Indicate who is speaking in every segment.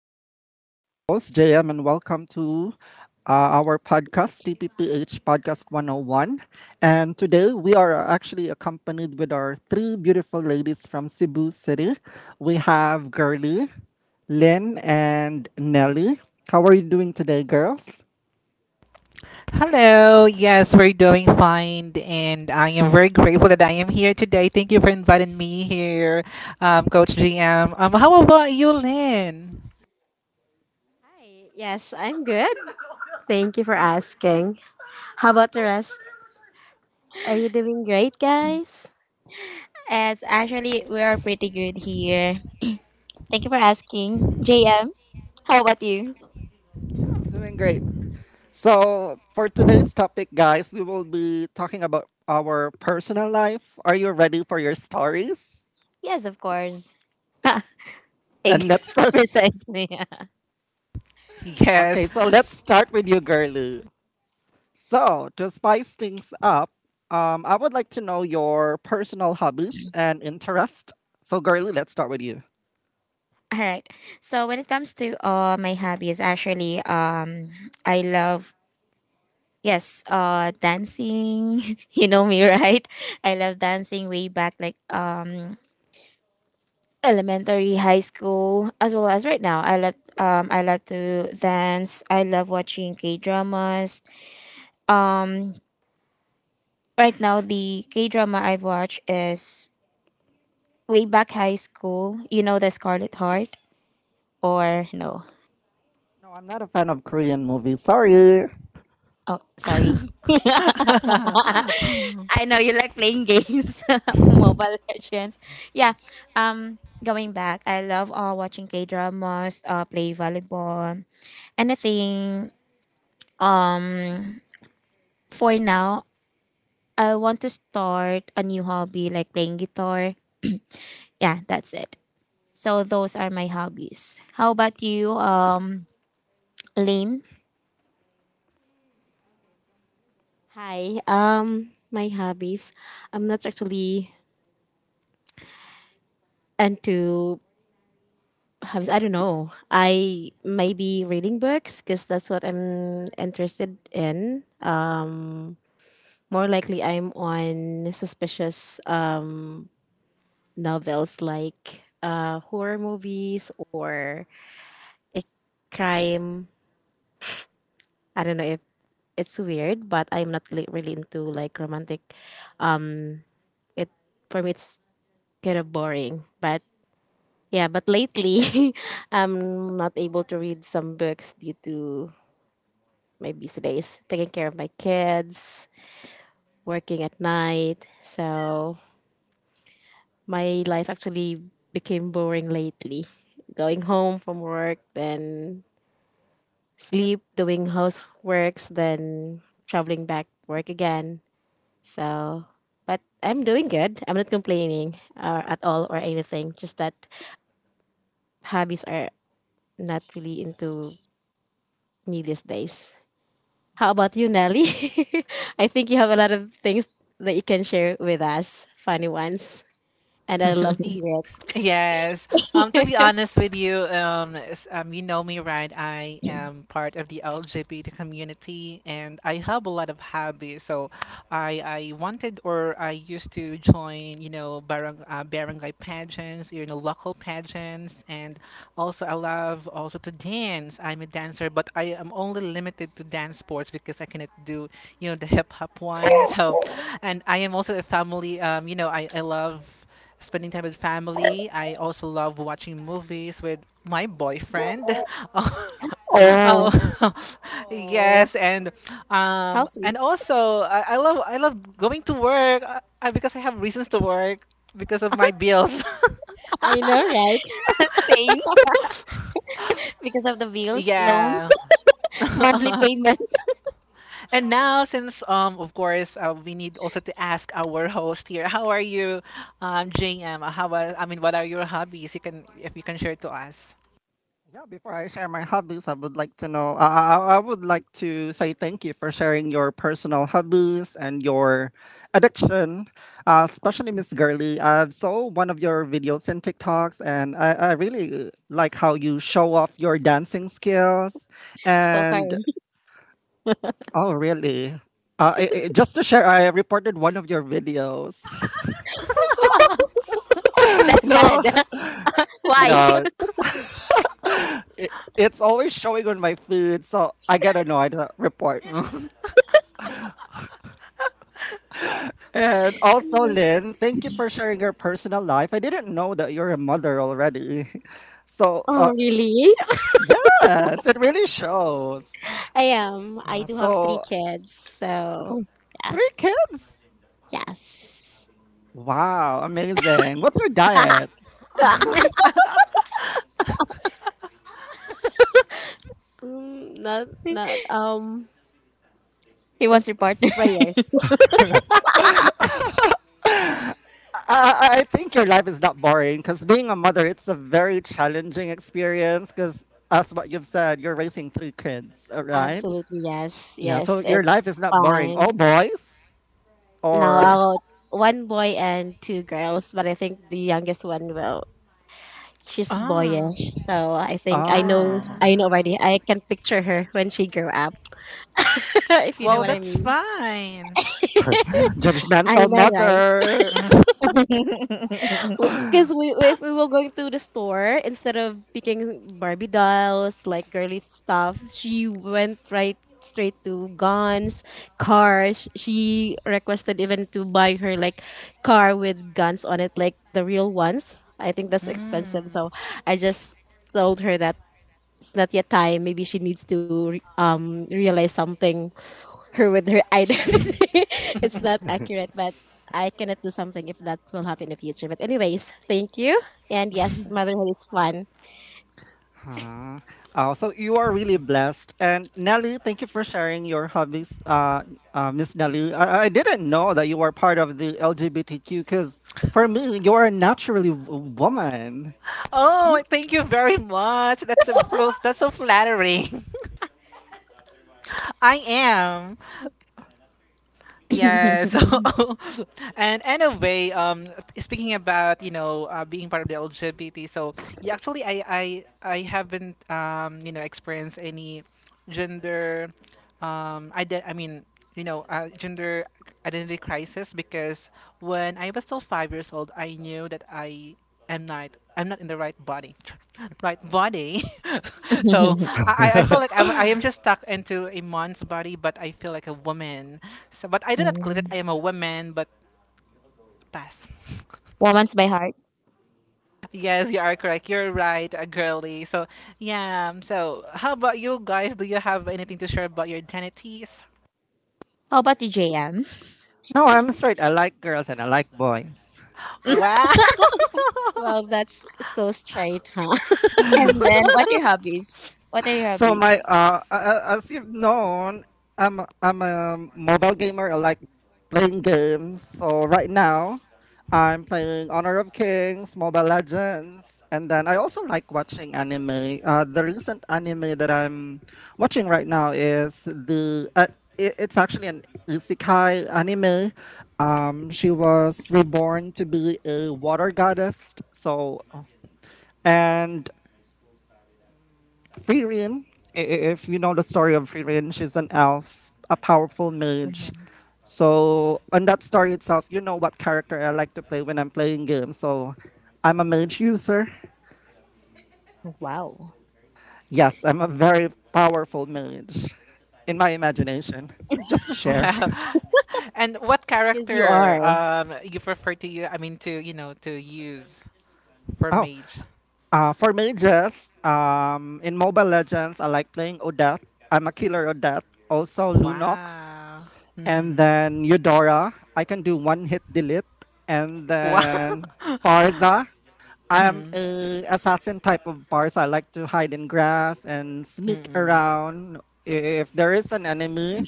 Speaker 1: This is your host, JM, and welcome to our podcast, TPPH Podcast 101. And today we are actually accompanied with our three beautiful ladies from Cebu City. We have Girly, Lynn, and Nelly. How are you doing today, girls?
Speaker 2: Hello, yes, we're doing fine, and I am very grateful that I am here today. Thank you for inviting me here, Coach GM. How about you, Lynn?
Speaker 3: Hi, yes, I'm good. Thank you for asking. How about the rest? Are you doing great, guys?
Speaker 4: As actually, we are pretty good here. Thank you for asking. JM, how about you?
Speaker 1: Yeah, I'm doing great. So, for today's topic, guys, we will be talking about our personal life. Are you ready for your stories?
Speaker 4: Yes, of course.
Speaker 1: Then
Speaker 4: Eg-
Speaker 1: let's start.
Speaker 4: Precisely.
Speaker 1: Okay,
Speaker 2: Yes.
Speaker 1: so let's start with you, Gerlu. So, to spice things up, I would like to know your personal hobbies and interest. So, Gerlu, let's start with you.
Speaker 4: All right. So when it comes to my hobbies, I love yes, dancing. You know me, right? I love dancing way back, like elementary, high school, as well as right now. I love to dance. I love watching K dramas. Um, right now the K drama I've watched is way back high school. You know the Scarlet Heart or no?
Speaker 1: No, I'm not a fan of Korean movies. Sorry.
Speaker 4: Oh, sorry. I know you like playing games, Mobile Legends. Yeah. Going back, I love watching K dramas, play volleyball, anything. Um, for now, I want to start a new hobby like playing guitar. Yeah, that's it. So those are my hobbies. How about you, Lynn?
Speaker 3: Hi, my hobbies. I'm not actually into hobbies. I don't know. I maybe reading books because that's what I'm interested in. More likely, I'm on suspicious novels like horror movies or a crime. I don't know if it's weird, but I'm not really into like romantic. It for me it's kind of boring. But yeah, but lately I'm not able to read some books due to my busy days, taking care of my kids, working at night. So my life actually became boring lately. Going home from work, then sleep, doing houseworks, then traveling back work again. So, but I'm doing good. I'm not complaining or at all or anything. Just that hobbies are not really into me these days. How about you, Nelly? I think you have a lot of things that you can share with us, funny ones, and I love to
Speaker 2: Y-
Speaker 3: hear it.
Speaker 2: Yes. To be honest with you, you know me, right? I am part of the LGBT community, and I have a lot of hobbies. So, I wanted or I used to join, you know, barangay pageants, you know, local pageants, and also I love also to dance. I'm a dancer, but I am only limited to dance sports because I cannot do, you know, the hip hop one. So, and I am also a family. You know, I love spending time with family. I also love watching movies with my boyfriend. Oh,
Speaker 4: Oh,
Speaker 2: oh,
Speaker 3: Oh,
Speaker 2: yes,
Speaker 4: how
Speaker 2: and
Speaker 4: sweet.
Speaker 2: also I love going to work because I have reasons to work because of my bills.
Speaker 3: I know, right?
Speaker 4: Same. Because of the bills, loans,
Speaker 2: Yeah.
Speaker 4: monthly payment.
Speaker 2: And now, since of course, we need also to ask our host here, how are you, JM? I mean, what are your hobbies? If you can share to us.
Speaker 1: Yeah, before I share my hobbies, I would like to know. I would like to say thank you for sharing your personal hobbies and your addiction, especially Miss Girly. I saw one of your videos and TikToks, and I really like how you show off your dancing skills.
Speaker 4: Stalker.
Speaker 1: And oh, really? Just to share, I reported one of your videos.
Speaker 4: That's
Speaker 1: No,
Speaker 4: bad. Why?
Speaker 1: no, it's always showing on my feed, so I get annoyed. Report. And also, Lynn, thank you for sharing your personal life. I didn't know that you're a mother already. So,
Speaker 3: Oh, really?
Speaker 1: yes, it really shows.
Speaker 3: I am. I do have three
Speaker 1: So,
Speaker 3: kids, so
Speaker 4: Oh,
Speaker 3: yeah,
Speaker 1: three kids.
Speaker 3: yes.
Speaker 1: Wow, amazing. What's your diet?
Speaker 3: Mm, not, not,
Speaker 4: he wants your
Speaker 3: just
Speaker 4: partner.
Speaker 3: prayers.
Speaker 1: I think your life is not boring because being a mother, it's a very challenging experience because, as what you've said, you're raising three kids, all right?
Speaker 3: Absolutely, yes.
Speaker 1: Yeah, so
Speaker 3: Yes,
Speaker 1: your
Speaker 3: it's
Speaker 1: life is not boring. All
Speaker 3: fun.
Speaker 1: boys?
Speaker 3: Now,
Speaker 1: Or,
Speaker 3: one boy and two girls, but I think the youngest one will. She's
Speaker 2: ah.
Speaker 3: boyish, so I think I know.
Speaker 1: ah.
Speaker 3: I know
Speaker 2: Ah.
Speaker 3: already. I can picture her when she grew up, if you know
Speaker 2: Well,
Speaker 3: what I
Speaker 2: that's
Speaker 3: mean.
Speaker 2: fine.
Speaker 3: I
Speaker 1: Judgmental
Speaker 3: know, right?
Speaker 1: mother.
Speaker 3: Because if we were going to the store, instead of picking Barbie dolls, like girly stuff, she went right straight to guns, cars. She requested even to buy her like car with guns on it, like the real ones. I think that's expensive.
Speaker 2: Mm.
Speaker 3: So I just told her that it's not yet time. Maybe she needs to realize something her with her identity. It's not accurate, but I cannot do something if that will happen in the future. But anyways, thank you. And yes, motherhood is fun.
Speaker 1: Huh. Oh, so you are really blessed. And Nelly, thank you for sharing your hobbies, Miss Nelly. I didn't know that you were part of the LGBTQ because for me, you are naturally woman.
Speaker 2: Oh, thank you very much. That's so flattering. I am. Yeah, so and anyway, speaking about being part of the LGBT, so yeah, actually I haven't experienced any gender ident I mean gender identity crisis because when I was still 5 years old, I knew that I'm not in the right body, right body. So I feel like I am just stuck into a man's body, but I feel like a woman. So, but I do not claim it.
Speaker 4: Mm.
Speaker 2: I am a woman, but pass.
Speaker 4: Woman's by heart.
Speaker 2: Yes, you are correct. You're right, a girly. So, yeah. So, how about you guys? Do you have anything to share about your identities?
Speaker 4: How about you, JM?
Speaker 1: No, I'm straight. I like girls and I like boys.
Speaker 2: Wow.
Speaker 3: Well, that's so straight, huh?
Speaker 4: And then, what are your hobbies? What are your
Speaker 1: So my
Speaker 4: hobbies?
Speaker 1: as you've known, I'm a mobile gamer. I like playing games. So right now, I'm playing Honor of Kings, Mobile Legends, and then I also like watching anime. The recent anime that I'm watching right now is it's actually an isekai anime. She was reborn to be a water goddess. So, and Fririn, if you know the story of Fririn, she's an elf, a powerful mage. So, on that story itself, you know what character I like to play when I'm playing games. So, I'm a mage user.
Speaker 4: Wow.
Speaker 1: Yes, I'm a very powerful mage in my imagination. Just to share.
Speaker 2: Wow. And what
Speaker 3: Because you
Speaker 2: character
Speaker 3: are.
Speaker 2: you prefer to you? I mean to use? For
Speaker 1: Oh,
Speaker 2: mage.
Speaker 1: For me, mages, in Mobile Legends, I like playing Odette. I'm a killer Odette. Also Lunox,
Speaker 2: Wow.
Speaker 1: and
Speaker 2: Mhm.
Speaker 1: then Eudora. I can do one hit delete, and
Speaker 2: Wow.
Speaker 1: then Farza. I am
Speaker 2: mhm.
Speaker 1: a assassin type of bars. I like to hide in grass and sneak
Speaker 2: Mhm.
Speaker 1: around. If there is an enemy,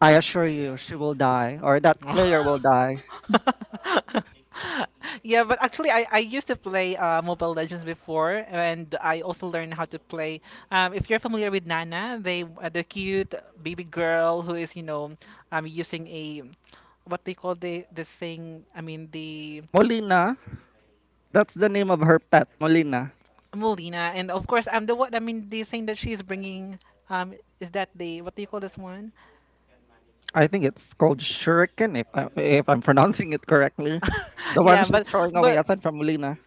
Speaker 1: I assure you she will die or that player
Speaker 2: Oh.
Speaker 1: will die.
Speaker 2: yeah, but actually, I used to play Mobile Legends before, and I also learned how to play. If you're familiar with Nana, the cute baby girl who is using a what they call the thing. I mean the
Speaker 1: Molina, that's the name of her pet, Molina.
Speaker 2: Molina, and of course, I'm the what I mean, the thing that she's bringing, um, is that the what do you call this one?
Speaker 1: I think it's called Shuriken, if I'm pronouncing it correctly. The one
Speaker 2: yeah,
Speaker 1: she's
Speaker 2: but
Speaker 1: throwing away
Speaker 2: but
Speaker 1: aside from Lina.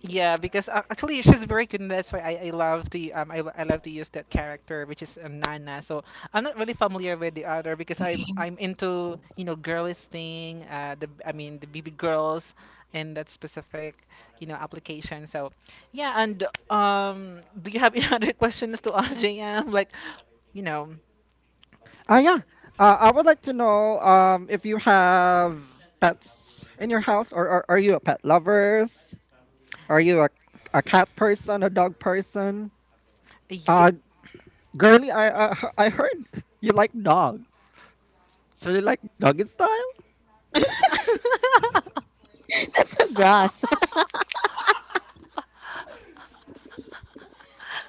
Speaker 2: yeah, because actually she's very good, and that's why I love to use that character, which is Nana. So I'm not really familiar with the other because I'm into girlish thing, the I mean the BB girls, and that specific application. So yeah, and do you have any other questions to ask JM like you know?
Speaker 1: Ah, yeah. I would like to know if you have pets in your house, or are you a pet lovers? Are you a cat person, a dog person?
Speaker 2: Yeah.
Speaker 1: Uh, Girly, I heard you like dogs. So you like doggy style?
Speaker 4: That's so gross.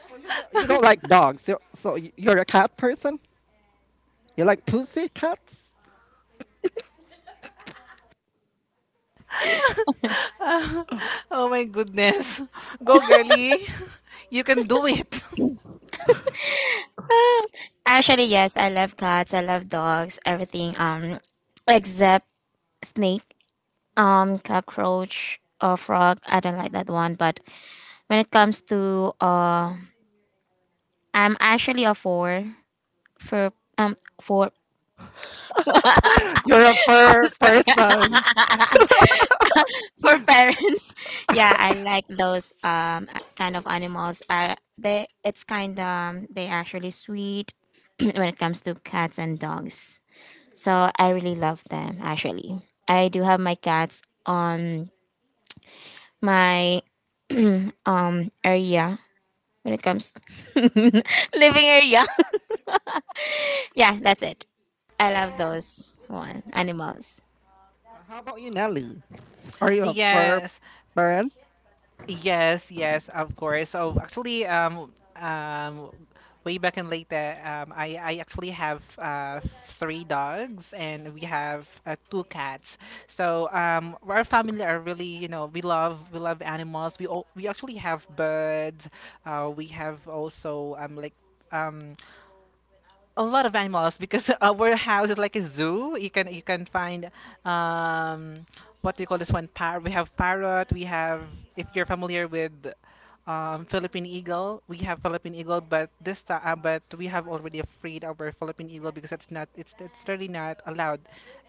Speaker 1: So you don't like dogs. So, you're a cat person? You like pussy cats?
Speaker 2: oh my goodness. Go, girly. You can do it.
Speaker 4: Actually, yes, I love cats. I love dogs. Everything. Except snake. Cockroach or frog. I don't like that one. But when it comes to I'm actually a four for um for
Speaker 1: You're a fur person.
Speaker 4: for parents. Yeah, I like those kind of animals. They It's kind they actually sweet when it comes to cats and dogs. So I really love them actually. I do have my cats on my area when it comes living area. Yeah, that's it. I love those one animals.
Speaker 1: How about you, Nelly? Are you a fur
Speaker 2: Yes.
Speaker 1: parent?
Speaker 2: Yes, yes, of course. So actually, way back in Leyte, I actually have three dogs and we have two cats. So our family are really, you know, we love animals. We actually have birds. We have also like um a lot of animals because our house is like a zoo. You can find um, what do you call this one? Par We have parrot. We have if you're familiar with Philippine eagle, we have Philippine eagle, but this time but we have already freed our Philippine eagle because it's really not allowed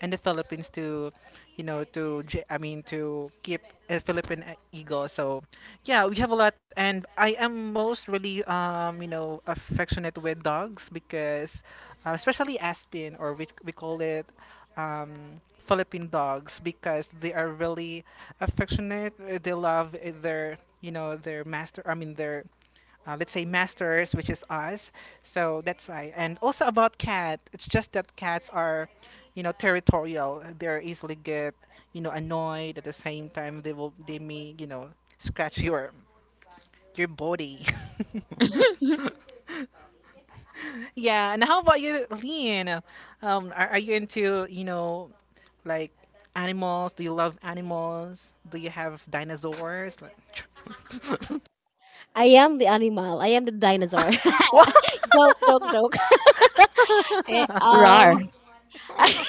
Speaker 2: in the Philippines to I mean to keep a Philippine eagle. So yeah, we have a lot, and I am most really affectionate with dogs because especially Aspen or we call it um. Philippine dogs because they are really affectionate. They love their master. I mean, their let's say masters, which is us. So that's why. And also about cat, it's just that cats are, territorial. They're easily get, annoyed. At the same time, they may, scratch your body. Yeah. And how about you, Lean? Are you into, like animals? Do you love animals? Do you have dinosaurs? Like,
Speaker 3: I am the animal. I am the dinosaur.
Speaker 2: What?
Speaker 3: Joke, joke, joke. Eh, um,
Speaker 4: Rar.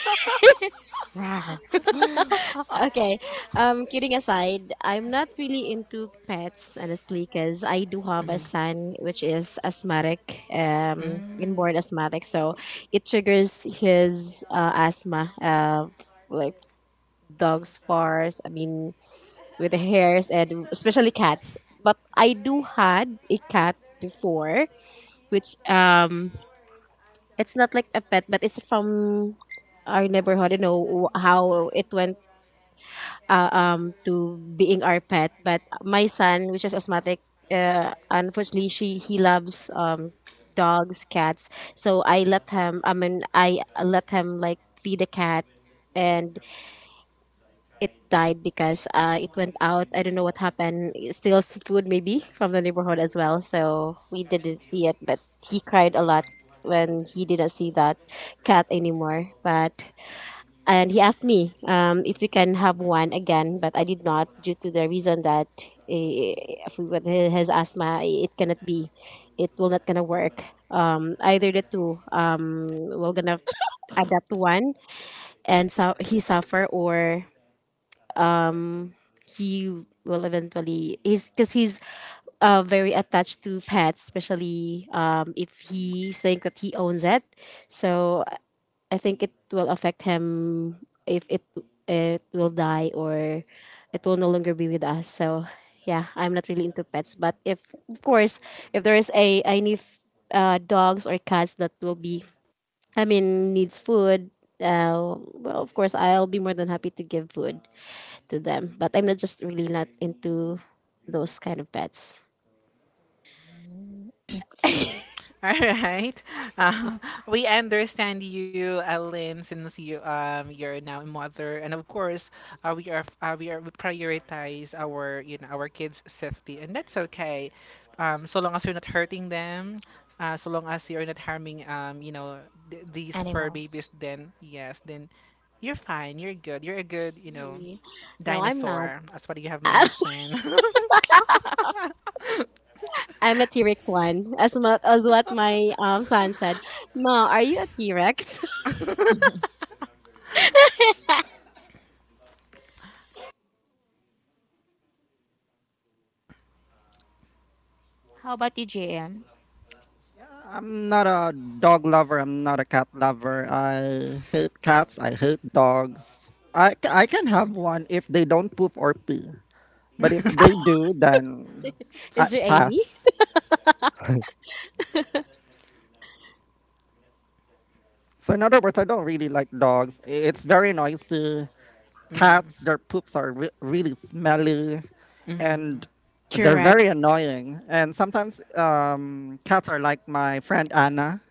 Speaker 3: rawr. Okay. Kidding aside, I'm not really into pets honestly, because I do have a
Speaker 2: Mhm.
Speaker 3: son which is asthmatic,
Speaker 2: Mm.
Speaker 3: inborn asthmatic, so it triggers his asthma. Like dogs' fars. I mean, with the hairs and especially cats. But I do had a cat before, which it's not like a pet, but it's from our neighborhood. You know how it went to being our pet. But my son which is asthmatic, unfortunately she he loves dogs, cats, so I let him, I mean, I let him like feed a cat. And it died because it went out. I don't know what happened. It steals food maybe from the neighborhood as well, so we didn't see it. But he cried a lot when he didn't see that cat anymore. But and he asked me, if we can have one again, but I did not, due to the reason that eh, if we got his asthma, it cannot be, it will not gonna work. Either the two, we're gonna adapt to one, and so he suffer, or um, he will eventually, he's because he's very attached to pets, especially if he think that he owns it. So I think it will affect him if it will die or it will no longer be with us. So yeah, I'm not really into pets, but if of course if there is a any dogs or cats that will be, I mean, needs food. Well, of course, I'll be more than happy to give food to them, but I'm not just really not into those kind of pets.
Speaker 2: All right. Um, we understand you, Ellen, since you're now a mother, and of course, we prioritize our you know our kids' safety, and that's okay. So long as you're not hurting them, so long as you're not harming these fur babies,
Speaker 4: Animals.
Speaker 2: then yes, then you're fine. You're good. You're a good
Speaker 3: Ye- No, I'm not.
Speaker 2: dinosaur. That's what you have mentioned.
Speaker 3: I'm a T Rex one, as much as what my son said. Ma, are you a T Rex?
Speaker 4: How about you, JM?
Speaker 1: I'm not a dog lover. I'm not a cat lover. I hate cats. I hate dogs. I can have one if they don't poop or pee. But if they do, then I
Speaker 3: Is there any?
Speaker 1: pass. So, in other words, I don't really like dogs. It's very noisy.
Speaker 2: Mhm.
Speaker 1: Cats, their poops are really smelly.
Speaker 2: Mhm.
Speaker 1: And they're very
Speaker 3: Correct.
Speaker 1: annoying. And sometimes cats are like my friend Anna.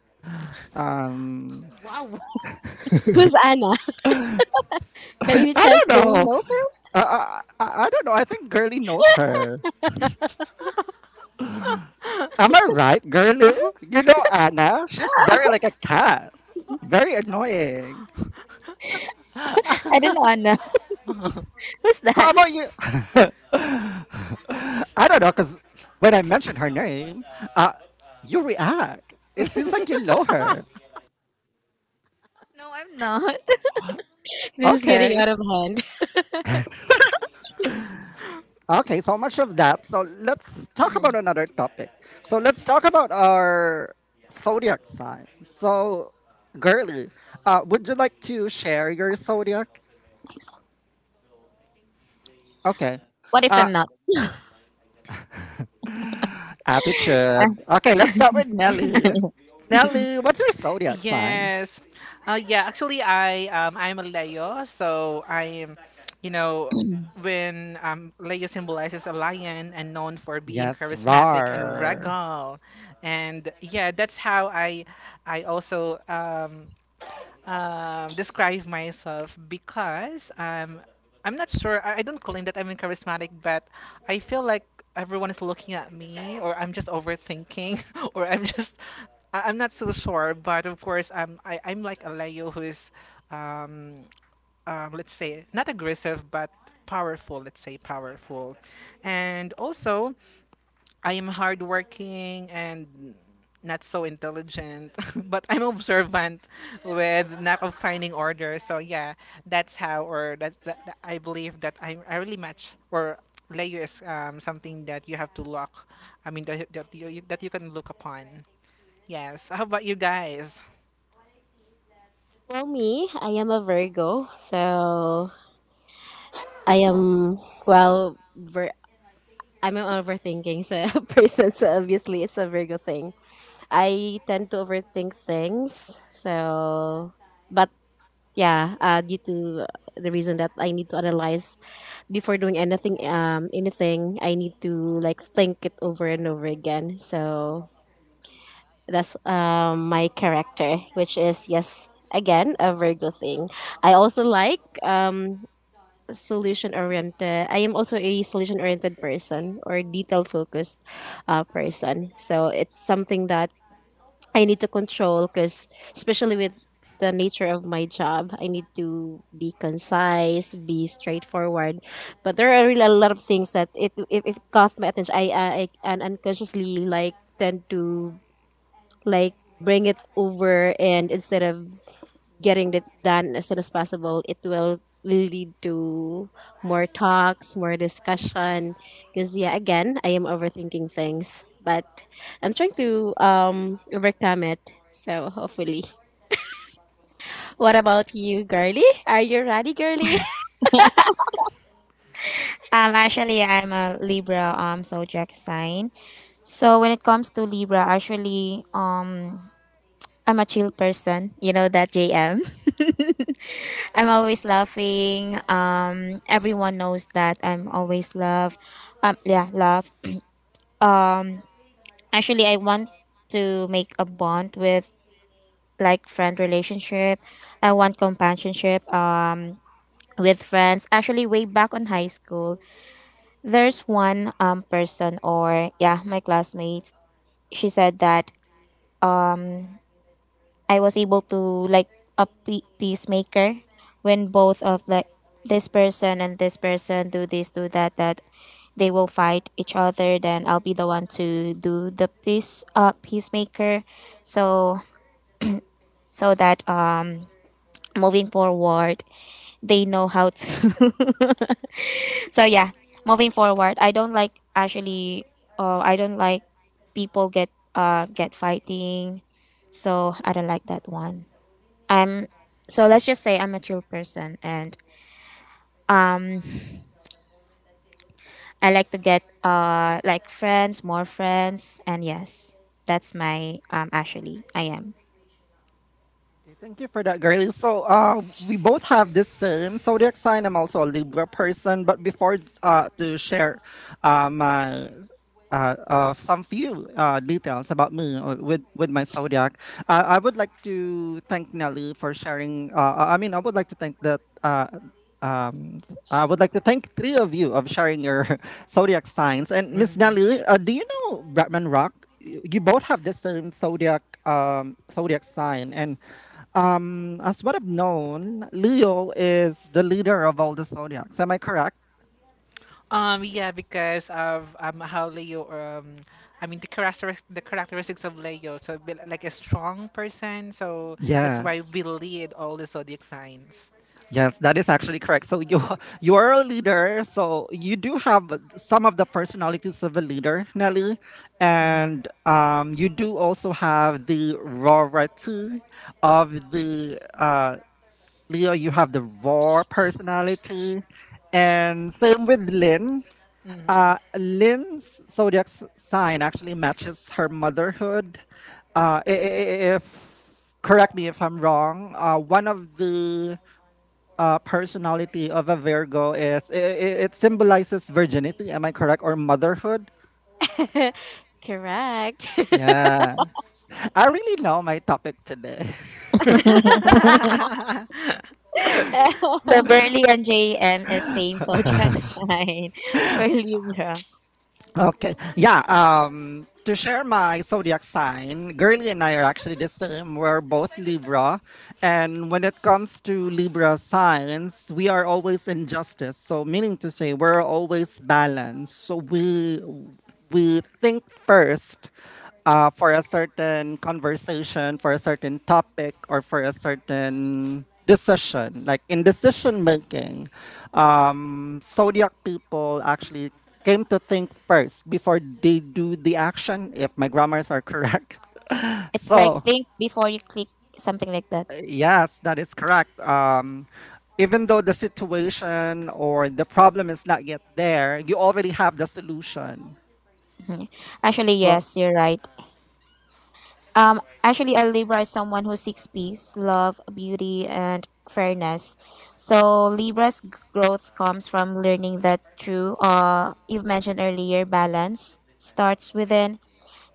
Speaker 1: Um,
Speaker 4: Wow,
Speaker 3: Who's Anna? By any
Speaker 1: I
Speaker 3: chance,
Speaker 4: who's
Speaker 1: don't
Speaker 3: do
Speaker 4: that?
Speaker 3: we
Speaker 1: know.
Speaker 3: know?
Speaker 1: I don't know. I think Girly knows her. Am I right, Girly? You know Anna. She's very like a cat. Very annoying.
Speaker 4: I don't know, Anna. Who's that?
Speaker 1: How about you? I don't know, because when I mention her name, uh, you react. It seems like you know her.
Speaker 4: No, I'm not.
Speaker 3: This is getting
Speaker 1: Okay.
Speaker 3: out of hand.
Speaker 1: Okay, so much of that. So let's talk about
Speaker 4: Ahem.
Speaker 1: another topic. So let's talk about our zodiac sign. So, girly, would you like to share your zodiac? Okay.
Speaker 4: What
Speaker 1: What
Speaker 4: if I'm
Speaker 1: About
Speaker 4: not?
Speaker 1: attitude? Okay, let's start with Nelly. Nelly, what's your zodiac sign?
Speaker 2: Yes. Yeah, actually, I'm a Leo, so I am, you know, when Leo symbolizes a lion and known for being
Speaker 1: Yes,
Speaker 2: charismatic and
Speaker 1: roar.
Speaker 2: regal, and yeah, that's how I also describe myself because I'm not sure. I don't claim that I'm in charismatic, but I feel like everyone is looking at me, or I'm just overthinking, or I'm not so sure. But of course, I'm like a Leo who is, um, let's say, not aggressive but powerful. Let's say powerful, and also. I am hardworking and not so intelligent, but I'm observant with not of finding order. So yeah, that's how, or that I believe that I really match or layer is something that you have to look. I mean that that you can look upon. Yes. How about you guys?
Speaker 3: Well, me, I am a Virgo, so I am well. I'm an overthinking so person, so obviously it's a Virgo thing. I tend to overthink things, so but yeah, due to the reason that I need to analyze before doing anything I need to like think it over and over again. So that's my character, which is yes, again, a Virgo thing. I also like, solution oriented, I am also a solution oriented person or detail focused person. So it's something that I need to control, because especially with the nature of my job, I need to be concise, be straightforward. But there are really a lot of things that it, if it caught my attention, I and unconsciously like tend to like bring it over, and instead of getting it done as soon as possible, it will lead to more talks, more discussion. Because yeah, again, I am overthinking things, but I'm trying to overcome it. So hopefully. What about you, girly? Are you ready, girly?
Speaker 4: I'm a Libra zodiac sign. So when it comes to Libra, I'm a chill person. You know that, JM. I'm always laughing. Everyone knows that I'm always love. Yeah, love. Um, Actually, I want to make a bond with like friend relationship. I want companionship with friends. Actually, way back on high school, there's one person or yeah, my classmates. She said that I was able to like a peacemaker when both of the this person and this person do this do that they will fight each other, then I'll be the one to do the peacemaker, so so that moving forward they know how to. So yeah, moving forward, I don't like actually. Oh, I don't like people get fighting. So I don't like that one. I'm So let's just say I'm a chill person and um I like to get like friends, more friends, and yes, that's my actually I am.
Speaker 1: Okay, thank you for that, girlie. So, we both have this same zodiac sign. I'm also a Libra person, but before to share, my some few details about me or with my zodiac, I would like to thank Nelly for sharing. I mean, I would like to thank that. Um, I would like to thank three of you of sharing your zodiac signs. And Miss
Speaker 2: Mhm.
Speaker 1: Nelly, do you know Bratman Rock? You both have the same zodiac zodiac sign, and as what I've known, Leo is the leader of all the zodiacs. Am I correct?
Speaker 2: Yeah, because of how Leo I mean the characteristics of Leo, so be like a strong person, so that's why
Speaker 1: Yes.
Speaker 2: we lead all the zodiac signs.
Speaker 1: Yes, that is actually correct. So you you are a leader, so you do have some of the personalities of a leader, Nelly,
Speaker 2: Hmm.
Speaker 1: and you do also have the rarity of the Leo. You have the raw personality, and same with Lynn.
Speaker 2: Hmm.
Speaker 1: Lynn's zodiac sign actually matches her motherhood. I- if correct me if I'm wrong, one of the personality of a Virgo is I it symbolizes virginity. Am I correct or motherhood?
Speaker 3: Correct.
Speaker 1: Yes. I really know my topic today.
Speaker 3: I
Speaker 4: So Burley and JM is same zodiac sign. We're Libra.
Speaker 1: Okay. Yeah. To share my zodiac sign, Girly and I are actually the same. We're both Libra. And when it comes to Libra signs, we are always in justice. So, meaning to say, we're always balanced. So, we think first for a certain conversation, for a certain topic, or for a certain decision. Like in decision making, zodiac people actually came to think first before they do the action, if my grammars are correct.
Speaker 4: It's like
Speaker 1: So,
Speaker 4: think before you click, something like that.
Speaker 1: yes, that is correct. Even though the situation or the problem is not yet there, you already have the solution.
Speaker 4: Mm. Actually,
Speaker 1: So,
Speaker 4: yes, you're right. A Libra is someone who seeks peace, love, beauty, and fairness. So Libra's growth comes from learning that true, you've mentioned earlier, balance starts within,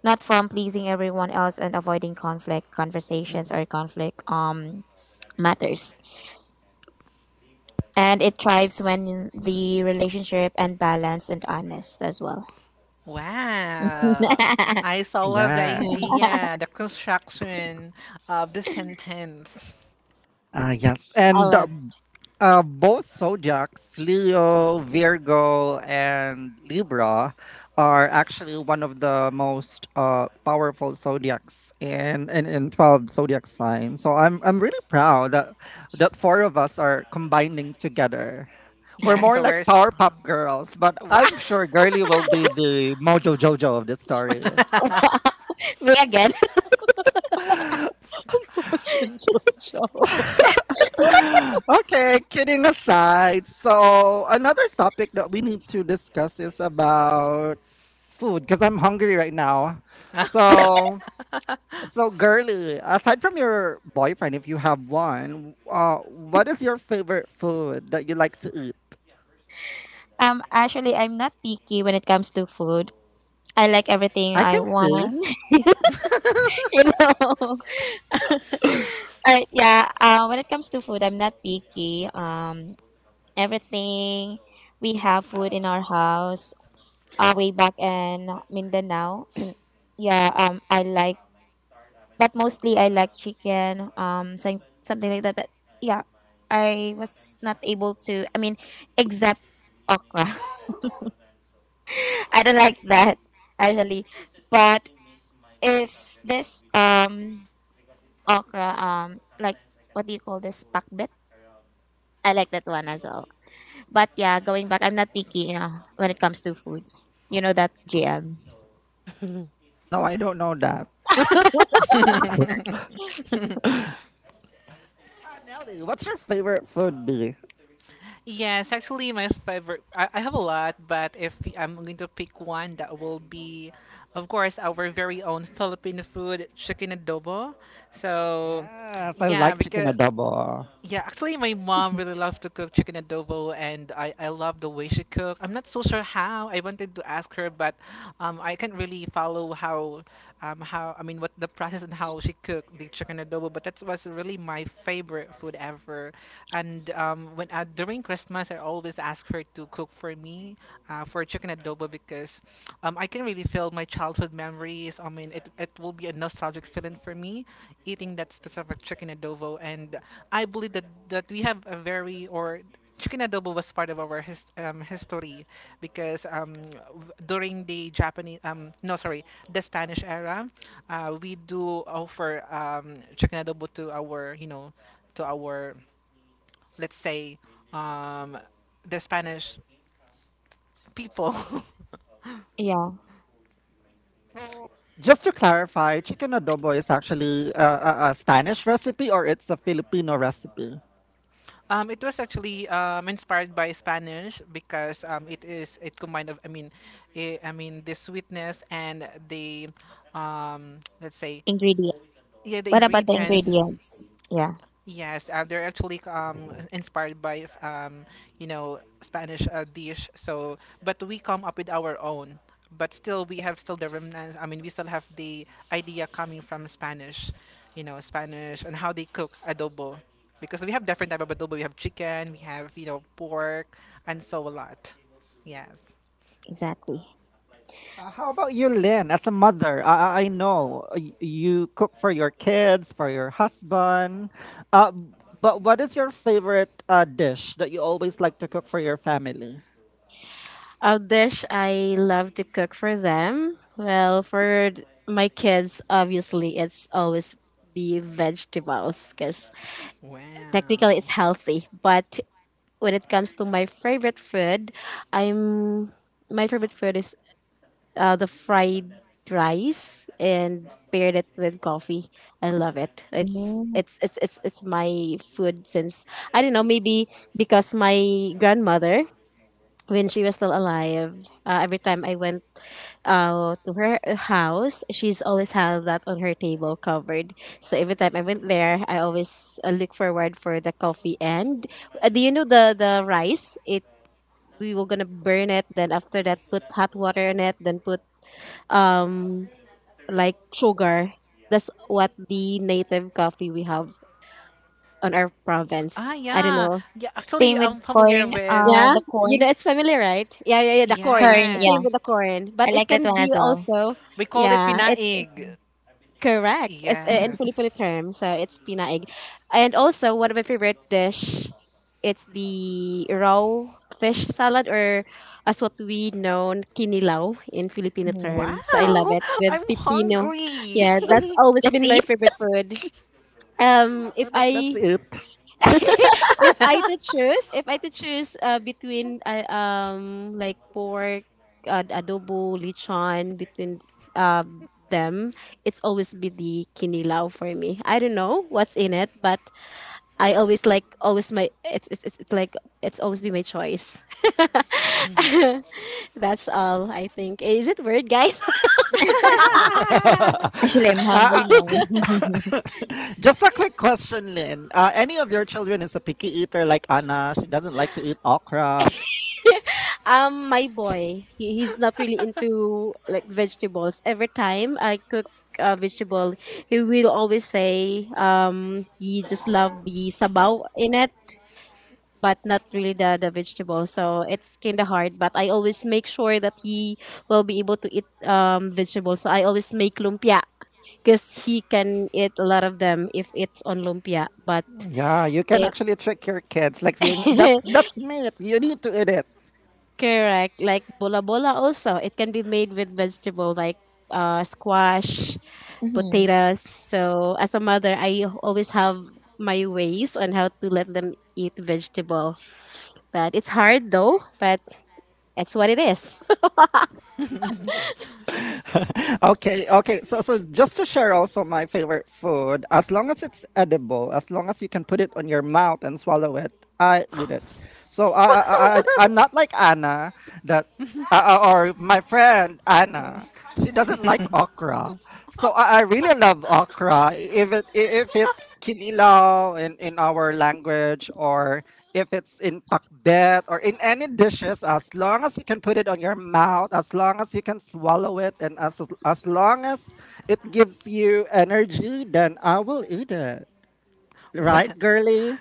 Speaker 4: not from pleasing everyone else and avoiding conflict, conversations, or conflict matters. And it thrives when the relationship and balanced and honest as well.
Speaker 2: Wow. I so love the
Speaker 1: yeah,
Speaker 2: idea, the construction of the sentence.
Speaker 1: yes. And
Speaker 3: love.
Speaker 1: Both zodiacs, Leo, Virgo, and Libra, are actually one of the most powerful zodiacs in twelve zodiac signs. So I'm really proud that four of us are combining together.
Speaker 2: Yeah,
Speaker 1: We're more
Speaker 2: so
Speaker 1: like
Speaker 2: very
Speaker 1: Powerpuff
Speaker 2: strong.
Speaker 1: Girls, but
Speaker 2: Wow.
Speaker 1: I'm sure Girly will be the mojo jojo of this story.
Speaker 4: Me again.
Speaker 3: Motion Jojo.
Speaker 1: Okay, kidding aside. So another topic that we need to discuss is about food because I'm hungry right now. So, girly, aside from your boyfriend, if you have one, what is your favorite food that you like to eat?
Speaker 4: Actually, I'm not picky when it comes to food. I like everything
Speaker 1: I
Speaker 4: I
Speaker 1: can see.
Speaker 4: want. You know, yeah. When it comes to food, I'm not picky. Everything we have food in our house. Way back in Mindanao, yeah. I like, but mostly I like chicken. Something like that. But yeah, I was not able to. I mean, except okra. I don't like that actually. But if this okra, like what do you call this? Pakbet. I like that one as well. But yeah, going back, I'm not picky, you know, when it comes to foods. You know that, GM.
Speaker 1: No, I don't know that. Ah, Nelly, what's your favorite food be?
Speaker 2: Yes, actually, my favorite. I have a lot, but if I'm going to pick one, that will be, of course, our very own Filipino food, chicken adobo. So,
Speaker 1: Yes, I like
Speaker 2: yeah,
Speaker 1: chicken
Speaker 2: because
Speaker 1: adobo.
Speaker 2: yeah, actually, my mom really loves to cook chicken adobo, and I love the way she cook. I'm not so sure how. I wanted to ask her, but I can't really follow how I mean what the process and how she cooked the chicken adobo. But that was really my favorite food ever. And when during Christmas, I always ask her to cook for me for chicken adobo because I can really feel my childhood memories. I mean, it will be a nostalgic feeling for me eating that specific chicken adobo. And I believe that, that we have or chicken adobo was part of our history because during the Japanese, no, sorry, the Spanish era, we do offer chicken adobo to our let's say, um, the Spanish people.
Speaker 4: Yeah,
Speaker 1: So, just to clarify, chicken adobo is actually a Spanish recipe or it's a Filipino recipe?
Speaker 2: It was actually inspired by Spanish because it combined of I mean the sweetness and the let's say
Speaker 4: ingredient.
Speaker 2: yeah the
Speaker 4: What about the
Speaker 2: ingredients
Speaker 4: ingredients? Yeah,
Speaker 2: Yes, they're actually inspired by Spanish dish. So, but we come up with our own. But still, we have still the remnants. I mean, we still have the idea coming from Spanish and how they cook adobo, because we have different type of adobo. We have chicken, we have pork, and so a lot. Yes.
Speaker 4: exactly.
Speaker 1: How about you, Lynn? As a mother, I know you cook for your kids, for your husband. Uh, but what is your favorite dish that you always like to cook for your family?
Speaker 3: A dish I love to cook for them. Well, for my kids, obviously, it's always be vegetables because
Speaker 2: Wow.
Speaker 3: technically it's healthy. But when it comes to my favorite food, I'm my favorite food is the fried rice and paired it with coffee. I love it. It's
Speaker 4: Mhm.
Speaker 3: it's it's it's it's my food since I don't know, maybe because my grandmother, when she was still alive, every time I went to her house, she's always have that on her table covered. So every time I went there, I always look forward for the coffee. And do you know the rice, it, we were gonna burn it, then after that put hot water on it, then put um like sugar. That's what the native coffee we have on our
Speaker 2: Ah,
Speaker 3: province. I don't
Speaker 2: yeah.
Speaker 3: know.
Speaker 2: Yeah,
Speaker 4: Same
Speaker 2: actually,
Speaker 4: with
Speaker 2: I'm familiar
Speaker 4: corn.
Speaker 2: with.
Speaker 3: Yeah,
Speaker 4: The
Speaker 3: you know,
Speaker 4: corn,
Speaker 3: it's familiar, right? Yeah, yeah, yeah, the corn,
Speaker 4: corn.
Speaker 2: Yeah.
Speaker 3: same
Speaker 4: Yeah,
Speaker 3: with the corn, but
Speaker 4: I
Speaker 3: it
Speaker 4: like that
Speaker 3: can
Speaker 4: one
Speaker 3: be
Speaker 4: as well.
Speaker 3: also.
Speaker 2: We call it
Speaker 3: Yeah, it's
Speaker 2: pinaig.
Speaker 3: correct. It's in
Speaker 2: Yes.
Speaker 3: Filipino term, so it's pinaig. And also one of my favorite dish, it's the raw fish salad, or as what we know, kinilaw in Filipino
Speaker 4: Mhm.
Speaker 3: term. So I love
Speaker 2: Wow,
Speaker 3: it with
Speaker 2: I'm
Speaker 3: pipino.
Speaker 2: hungry.
Speaker 3: Yeah, that's always
Speaker 4: Let's
Speaker 3: been
Speaker 4: eat.
Speaker 3: my favorite food. If
Speaker 1: After this, let's
Speaker 3: I
Speaker 1: eat.
Speaker 3: if I to choose between like pork, adobo, lechon, between uh, them, it's always be the kinilaw for me. I don't know what's in it, but I always like, always my, it's like it's always be my choice. That's all, I think. Is it weird, guys?
Speaker 1: uh,
Speaker 4: Actually, I'm hungry
Speaker 1: uh,
Speaker 4: now.
Speaker 1: just a quick question, Lynn. Any of your children is a picky eater like Anna? She doesn't like to eat okra.
Speaker 3: My boy, he's not really into like vegetables. Every time I cook a vegetable, he will always say, he just love the sabaw in it, but not really the vegetable. So it's kind of hard. But I always make sure that he will be able to eat vegetables. So I always make lumpia because he can eat a lot of them if it's on lumpia. But
Speaker 1: Yeah, you can
Speaker 3: if
Speaker 1: actually trick your kids. Like saying, that's meat. You need to eat it.
Speaker 3: correct. Like bola bola also. It can be made with vegetable like squash,
Speaker 4: Mhm.
Speaker 3: potatoes. So as a mother, I always have my ways on how to let them eat vegetable. But it's hard though, but that's what it is.
Speaker 1: Okay, okay. So, just to share also my favorite food, as long as it's edible, as long as you can put it on your mouth and swallow it, I eat it. So I'm not like Anna that, or my friend Anna. She doesn't like okra. So I really I love okra if it's kinilaw in our language or if it's in pakbet or in any dishes as long as you can put it on your mouth as long as you can swallow it and as long as it gives you energy then I will eat it right
Speaker 2: What?
Speaker 1: girly.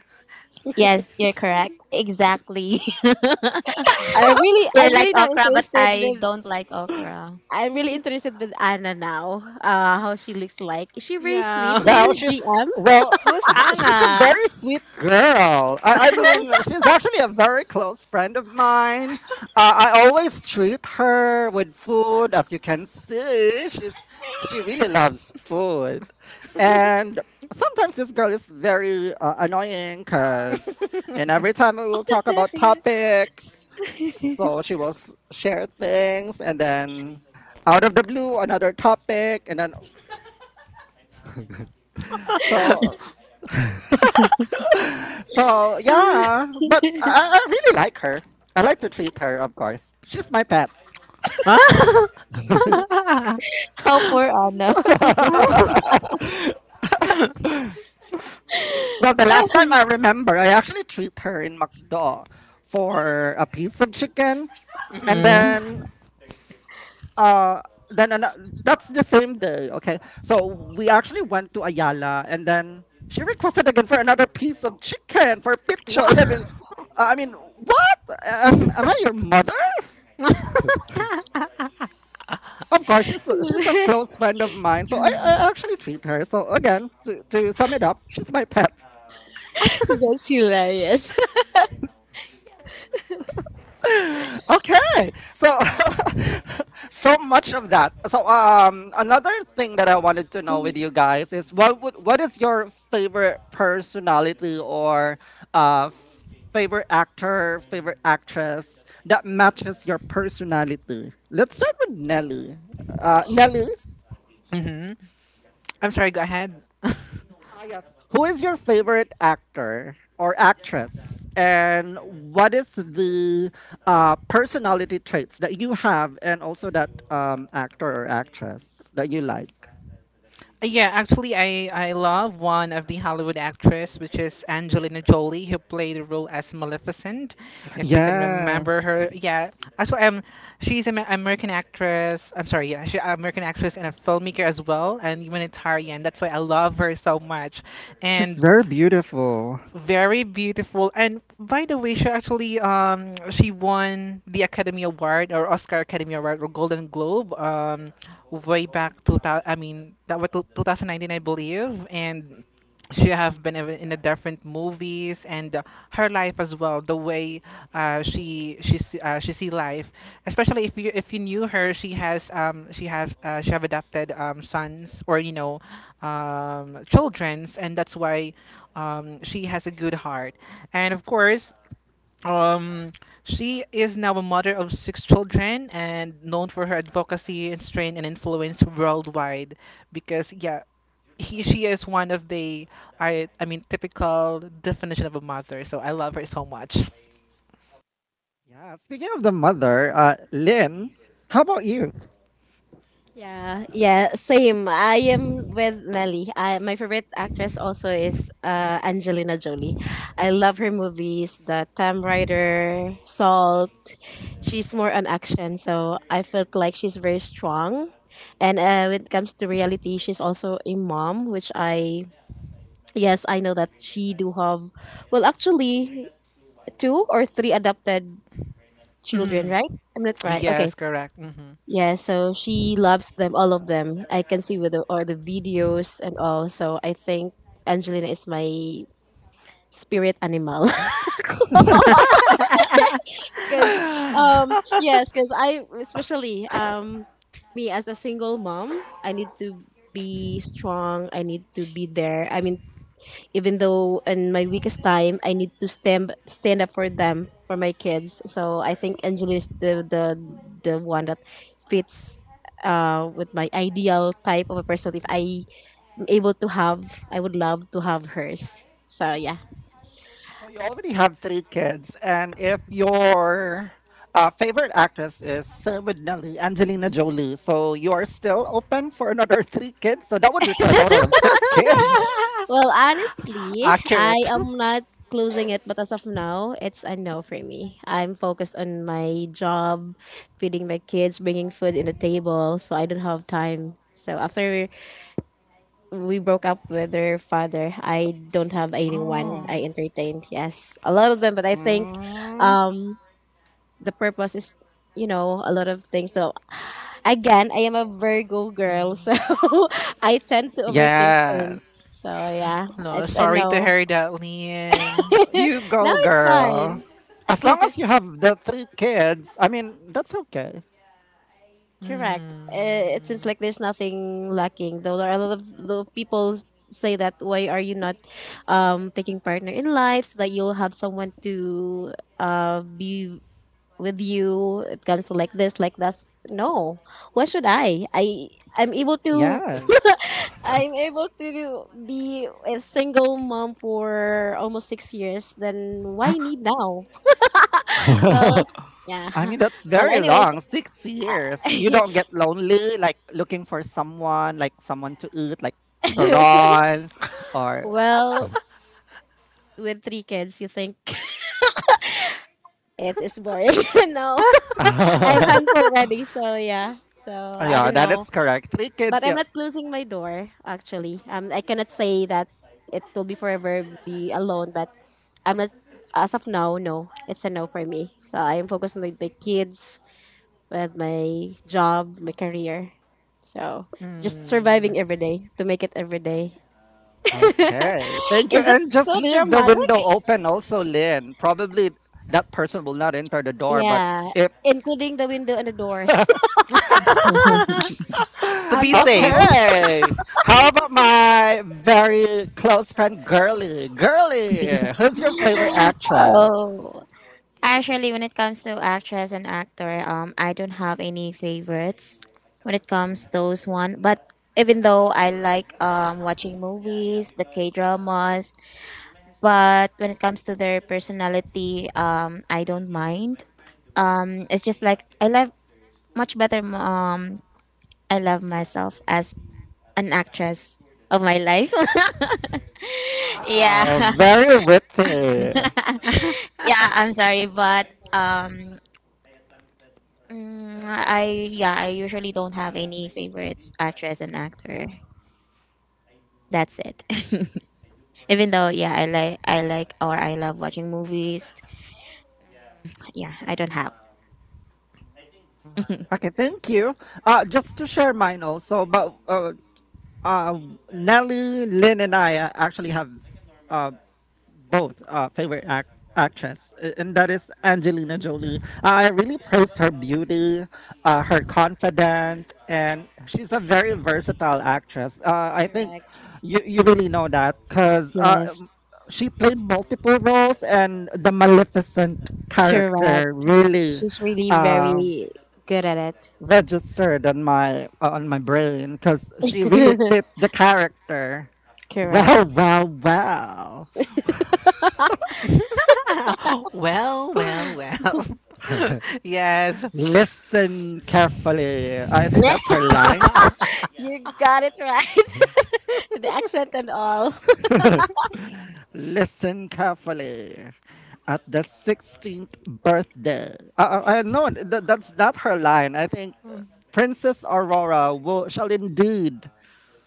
Speaker 4: Yes, you're correct. Exactly. You're
Speaker 3: I'm
Speaker 4: like
Speaker 3: really now
Speaker 4: okra, but
Speaker 3: interested
Speaker 4: I
Speaker 3: with,
Speaker 4: don't like okra.
Speaker 3: I'm really interested with Anna now. How she looks like. Is she very sweet
Speaker 2: Yeah.
Speaker 3: to you,
Speaker 1: Well, she's
Speaker 3: GM?
Speaker 1: well,
Speaker 2: Who's
Speaker 1: she's a
Speaker 2: Anna?
Speaker 1: very sweet girl. I mean, she's actually a very close friend of mine. I always treat her with food, as you can see. She really loves food, and sometimes this girl is very annoying because, and every time we will talk about topics, so she will share things, and then out of the blue another topic, and then so So, yeah, but I really like her. I like to treat her, of course. She's my pet.
Speaker 2: Ah!
Speaker 4: How poor Anna.
Speaker 1: Well, the last time I remember, I actually treat her in McDo for a piece of chicken, and
Speaker 2: Mm.
Speaker 1: then uh, that's the same day. Okay, so we actually went to Ayala, and then she requested again for another piece of chicken for pizza.
Speaker 2: Wha-
Speaker 1: I mean, what? Am I your mother? Of course, she's a close friend of mine, so I actually treat her. So again, to sum it up, she's my pet.
Speaker 3: That's hilarious.
Speaker 1: Okay, so so much of that. So another thing that I wanted to know with you guys is what is your favorite personality or uh favorite actor, favorite actress that matches your personality? Let's start with Nelly. Uh, Nelly,
Speaker 2: hmm I'm sorry, go ahead.
Speaker 1: Ah, yes. Who is your favorite actor or actress? And what is the personality traits that you have and also that actor or actress that you like?
Speaker 2: Yeah, actually, I love one of the Hollywood actress, which is Angelina Jolie, who played the role as Maleficent, if you can remember
Speaker 1: Yes.
Speaker 2: her. Yeah, actually, she's an American actress. I'm sorry, yeah, she's an American actress and a filmmaker as well, and humanitarian. That's why I love her so much.
Speaker 1: She's
Speaker 2: And
Speaker 1: very beautiful.
Speaker 2: Very beautiful. And by the way, she actually she won the Academy Award or Oscar Academy Award or Golden Globe way back 2000, that was 2019, I believe. And she in a different movies, and her life as well, the way she see life, especially if you knew her. She has she has, she have adopted sons or childrens. And that's why, she has a good heart, and of course, um, she is now a mother of six children and known for her advocacy and strength and influence worldwide. Because yeah, he she is one of the, I mean typical definition of a mother. So I love her so much.
Speaker 1: Yeah. Speaking of the mother, Lynn, how about you?
Speaker 3: Yeah, yeah, same. I am with Nelly. My favorite actress also is Angelina Jolie. I love her movies, The Time Rider, Salt. She's more on action, so I felt like she's very strong. And when it comes to reality, she's also a mom, which I, yes, I know that she do have, well, actually 2 or 3 adopted children,
Speaker 2: Mm.
Speaker 3: right? I'm not right. Okay,
Speaker 2: Yes, correct. Hmm.
Speaker 3: yeah, so she loves them, all of them. I can see with the, all the videos and all. So I think Angelina is my spirit animal. Because, yes, because especially me as a single mom, I need to be strong. I need to be there. I mean, even though in my weakest time I need to stand up for them, for my kids. So I think Angela is the one that fits with my ideal type of a person. If I am able to have, I would love to have hers. So yeah.
Speaker 1: So you already have three kids, and if your favorite actress is Sylvie Angelina Jolie, so you are still open for another three kids. So that would be for
Speaker 2: Be.
Speaker 1: a total of six kids.
Speaker 3: Well, honestly, I
Speaker 2: Accurate.
Speaker 3: am not closing it, but as of now, it's a no for me. I'm focused on my job, feeding my kids, bringing food in the table, so I don't have time. So after we broke up with her father. I don't have anyone
Speaker 1: Oh.
Speaker 3: I
Speaker 2: Oh.
Speaker 3: entertained. Yes, a lot of them, but I think
Speaker 1: Mm.
Speaker 3: um, the purpose is, you know, a lot of things. So again, I am a Virgo girl,
Speaker 2: Mhm.
Speaker 3: so I tend to overthink things.
Speaker 1: Yes.
Speaker 3: So yeah,
Speaker 2: So. No,
Speaker 3: it's a
Speaker 2: sorry to
Speaker 3: no.
Speaker 2: hear that, Lynn.
Speaker 1: You
Speaker 3: No,
Speaker 1: go,
Speaker 3: it's
Speaker 1: girl.
Speaker 3: fine.
Speaker 1: As long as you have the three kids, I mean, that's okay.
Speaker 3: Correct. It seems like there's nothing lacking. Though there are a lot of though people say that why are you not taking partner in life so that you'll have someone to be with you. It comes to like this, like that. No, why should I? I'm able to
Speaker 1: Yes.
Speaker 3: I'm able to be a single mom for almost 6 years. Then why need now? Well, yeah.
Speaker 1: I mean, that's
Speaker 3: Well,
Speaker 1: very
Speaker 3: anyways,
Speaker 1: long. 6 years. You
Speaker 3: I-
Speaker 1: don't get lonely, like looking for someone, like someone to eat, like Toron or.
Speaker 3: well, with three kids, you think it is boring. No, I'm handful already. So yeah. So
Speaker 1: Oh,
Speaker 3: I
Speaker 1: yeah,
Speaker 3: don't
Speaker 1: that
Speaker 3: know,
Speaker 1: is correct. Three
Speaker 3: but
Speaker 1: kids,
Speaker 3: I'm
Speaker 1: yeah.
Speaker 3: not closing my door. Actually, I cannot say that it will be forever be alone, but I'm not. As of now, no, it's a no for me. So I'm focused with my kids, with my job, my career. So just
Speaker 2: Hmm.
Speaker 3: surviving every day to make it every day.
Speaker 1: Okay. Thank you.
Speaker 3: Is it
Speaker 1: And
Speaker 3: so
Speaker 1: just leave the window
Speaker 3: dramatic?
Speaker 1: open also, Lynn. Probably that person will not enter the door, but
Speaker 3: Yeah,
Speaker 1: if.
Speaker 3: including the window and the doors
Speaker 2: To
Speaker 3: and
Speaker 2: be
Speaker 3: the
Speaker 2: safe.
Speaker 3: holes.
Speaker 1: Okay. How about my very close friend, Girly? Girly, who's your favorite actress?
Speaker 4: Oh, actually, when it comes to actress and actor, I don't have any favorites when it comes those one. But even though I like watching movies, the K dramas, but when it comes to their personality, I don't mind. It's just like I love much better. I love myself as an actress of my life.
Speaker 1: Wow,
Speaker 4: Yeah.
Speaker 1: very witty.
Speaker 4: Yeah, I'm sorry but um mm, I yeah, I usually don't have any favorites actress and actor. That's it. Even though, yeah, I like, or I love watching movies, yeah, I don't have.
Speaker 1: Okay, thank you. Just to share mine also, but uh, Nelly, Lynn, and I actually have uh, both actress, and that is Angelina Jolie. I really praised her beauty, her confidence, and she's a very versatile actress. I think
Speaker 3: Correct.
Speaker 1: you really know that because
Speaker 3: Yes.
Speaker 1: she played multiple roles, and the Maleficent character
Speaker 3: Correct.
Speaker 1: really.
Speaker 3: She's really
Speaker 1: Uh,
Speaker 3: very good at it.
Speaker 1: Registered on my brain because she really fits the character well,
Speaker 3: Correct.
Speaker 1: well, well.
Speaker 2: Well, well, well. Yes.
Speaker 1: Listen carefully. I think
Speaker 3: Yeah,
Speaker 1: that's her line.
Speaker 3: you got it right. The accent and all.
Speaker 1: Listen carefully. At the 16th birthday. I know that that's not her line. I think
Speaker 2: Mm.
Speaker 1: Princess Aurora will, shall indeed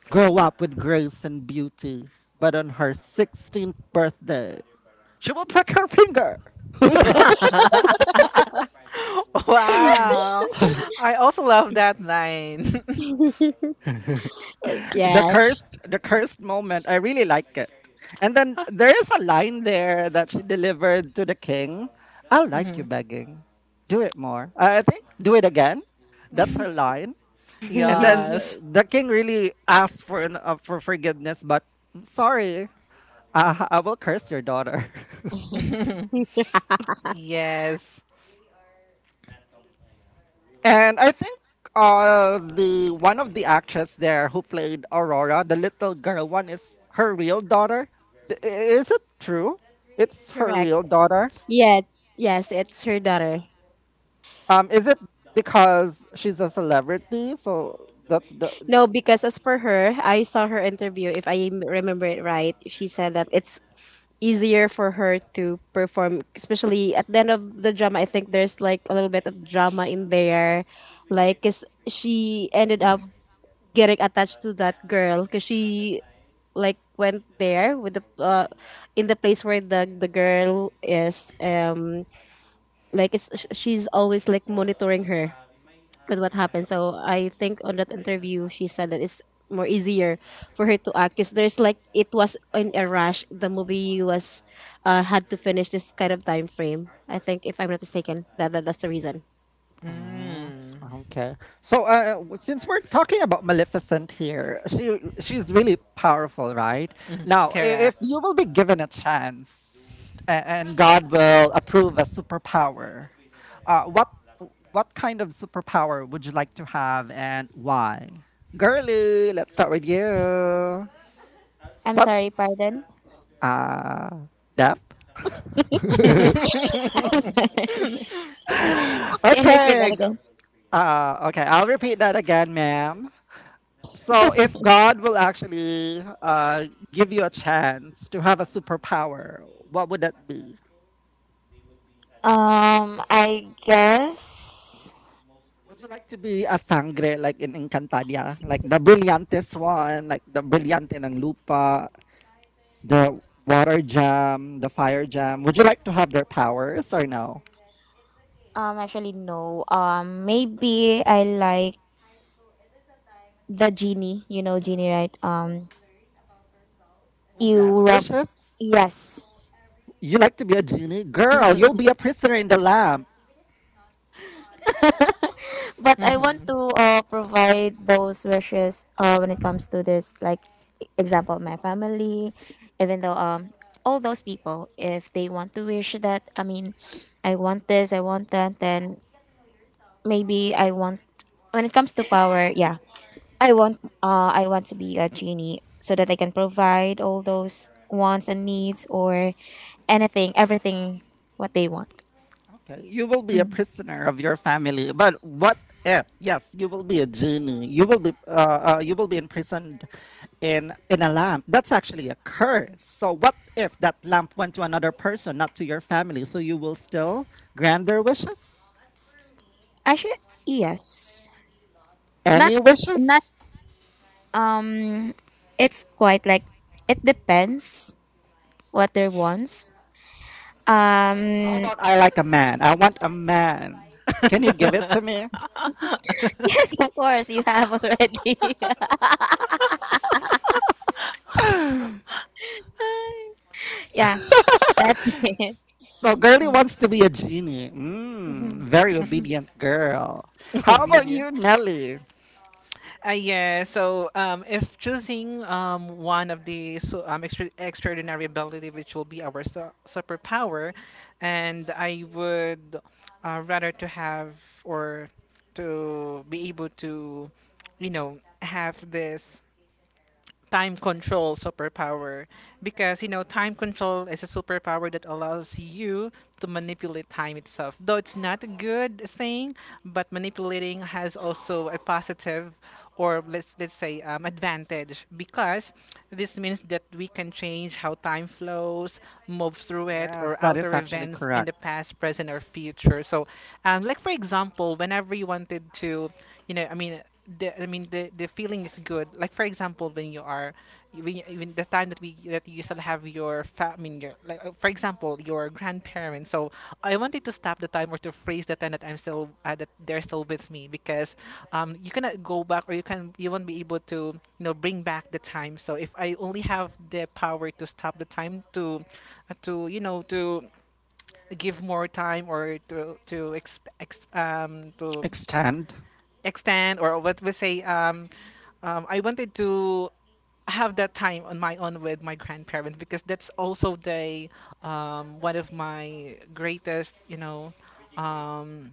Speaker 1: grow up with grace and beauty. But on her 16th birthday, she will prick her finger.
Speaker 2: Wow. I also love that line.
Speaker 3: Yes.
Speaker 1: The cursed moment, I really like it. And then there is a line there that she delivered to the king. I like you
Speaker 2: Mhm.
Speaker 1: begging. Do it more. I think do it again. That's her line. And then
Speaker 2: Yes.
Speaker 1: the king really asks for an, for forgiveness but I'm sorry, I will curse your daughter.
Speaker 2: Yes.
Speaker 1: And I think the one of the actress there who played Aurora, the little girl one, is her real daughter. Is it true? It's her real
Speaker 3: Correct.
Speaker 1: daughter.
Speaker 3: Yeah. Yes, it's her daughter.
Speaker 1: Is it because she's a celebrity? So that's the—
Speaker 3: No, because as per her, I saw her interview. If I remember it right, she said that it's easier for her to perform, especially at the end of the drama. I think there's like a little bit of drama in there, like 'cause she ended up getting attached to that girl because she like went there with the in the place where the girl is like it's, she's always like monitoring her with what happened? So I think on that interview she said that it's more easier for her to act because there's like it was in a rush, the movie was had to finish this kind of time frame. I think if I'm not mistaken that, that's the reason.
Speaker 1: Mm,
Speaker 2: Mm.
Speaker 1: okay. So, since we're talking about Maleficent here, she's really powerful, right?
Speaker 2: Mm.
Speaker 1: Now,
Speaker 2: Correct.
Speaker 1: if you will be given a chance, and God will approve a superpower, uh, what what kind of superpower would you like to have, and why? Girly, let's start with you.
Speaker 4: I'm
Speaker 1: What's
Speaker 4: sorry, pardon.
Speaker 1: uh, Def?
Speaker 4: I'm
Speaker 2: Mhm.
Speaker 4: sorry, can you repeat that
Speaker 1: Okay.
Speaker 4: again?
Speaker 1: Okay. I'll repeat that again, ma'am. So if God will actually give you a chance to have a superpower, what would that be?
Speaker 4: I guess,
Speaker 1: Would you like to be a sangre like in Encantadia? Like the brilliantest one, like the brillante ng lupa, the water jam, the fire jam. Would you like to have their powers or no?
Speaker 4: actually, no, maybe I like the genie, you know, genie, right?
Speaker 1: Who Grant
Speaker 4: You rock.
Speaker 1: wishes?
Speaker 4: Yes,
Speaker 1: You like to be a genie? Girl, you'll be a prisoner in the lamp.
Speaker 4: but I want
Speaker 2: Mhm.
Speaker 4: to provide those wishes when it comes to this, like, example, my family, even though all those people, if they want to wish that, I mean, I want this, I want that, then maybe I want, when it comes to power, yeah, I want to be a genie so that I can provide all those wants and needs or anything, everything what they want.
Speaker 1: Okay, you will be a
Speaker 4: Mm.
Speaker 1: prisoner of your family. But what if? Yes, you will be a genie. You will be imprisoned in a lamp. That's actually a curse. So what if that lamp went to another person, not to your family? So you will still grant their wishes.
Speaker 4: Actually, yes, not
Speaker 1: Any wishes?
Speaker 4: not um, it's quite like it depends what their wants.
Speaker 1: How
Speaker 4: Um,
Speaker 1: about I like a man? I want a man. Can you give it to me?
Speaker 4: yes, of course you have already. Yeah, that's it.
Speaker 1: So girly
Speaker 4: Mm.
Speaker 1: wants to be a genie. Mm, very
Speaker 2: Mhm.
Speaker 1: obedient girl.
Speaker 2: Oh,
Speaker 1: How about
Speaker 2: really?
Speaker 1: you, Nelly?
Speaker 2: Yeah. So if choosing one of the, so, extraordinary ability, which will be our superpower, and I would rather to have, or to be able to, you know, have this time control superpower. Because you know, time control is a superpower that allows you to manipulate time itself. Though it's not a good thing, but manipulating has also a positive, or let's say, advantage, because this means that we can change how time flows, move through it, or
Speaker 1: Yes, that
Speaker 2: alter
Speaker 1: is actually
Speaker 2: events in the
Speaker 1: correct.
Speaker 2: past, present, or future. So like for example, whenever you wanted to, you know i mean I mean, the feeling is good. Like for example, when you are, when the time that we that you still have your your, like, for example, your grandparents. So I wanted to stop the time or to freeze the time that I'm still that they're still with me, because you cannot go back, or you won't be able to, you know, bring back the time. So if I only have the power to stop the time, to to, you know, to give more time, or to to
Speaker 1: Extend.
Speaker 2: extend, or what we say, I wanted to have that time on my own with my grandparents, because that's also the, one of my greatest, you know, um,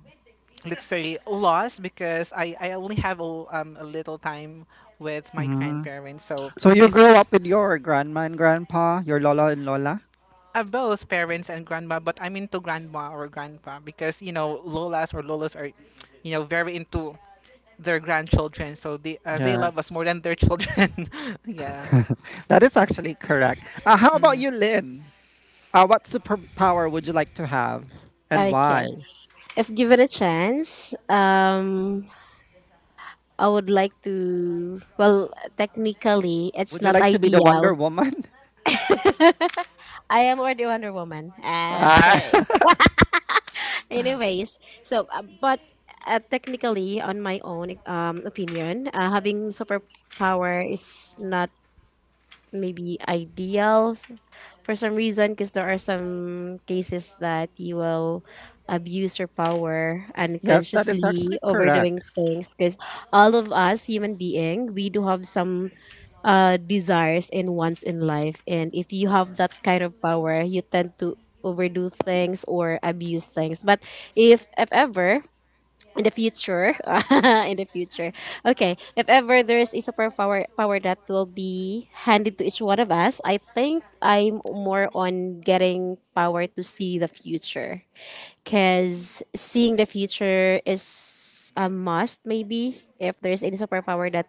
Speaker 2: let's say, loss. Because I only have a little time with my
Speaker 1: Mm.
Speaker 2: grandparents. So
Speaker 1: So you
Speaker 2: if,
Speaker 1: grew up with your grandma and grandpa, your lola and lola?
Speaker 2: both parents and grandma, but I'm into grandma or grandpa, because you know, lolas are, you know, very into their grandchildren, so they, they love us
Speaker 1: Yes.
Speaker 2: more than their children. Yeah.
Speaker 1: That is actually correct. How about
Speaker 2: Mm.
Speaker 1: you, Lynn? What superpower would you like to have and
Speaker 3: Okay,
Speaker 1: why?
Speaker 3: if given a chance, I would like to. Well, technically, it's
Speaker 1: Would you
Speaker 3: not
Speaker 1: like to be the
Speaker 3: ideal.
Speaker 1: Wonder Woman?
Speaker 3: I am already Wonder Woman.
Speaker 1: Ah,
Speaker 3: Cheers. Anyways, so but technically, on my own opinion, having superpower is not maybe ideal for some reason because there are some cases that you will abuse your power
Speaker 1: yes, that is
Speaker 3: unconsciously
Speaker 1: actually correct.
Speaker 3: overdoing things because all of us human being we do have some desires and wants in life, and if you have that kind of power you tend to overdo things or abuse things. But if ever in the future in the future, okay, if ever there's a superpower power that will be handed to each one of us, I think I'm more on getting power to see the future, because seeing the future is a must maybe if there's any superpower that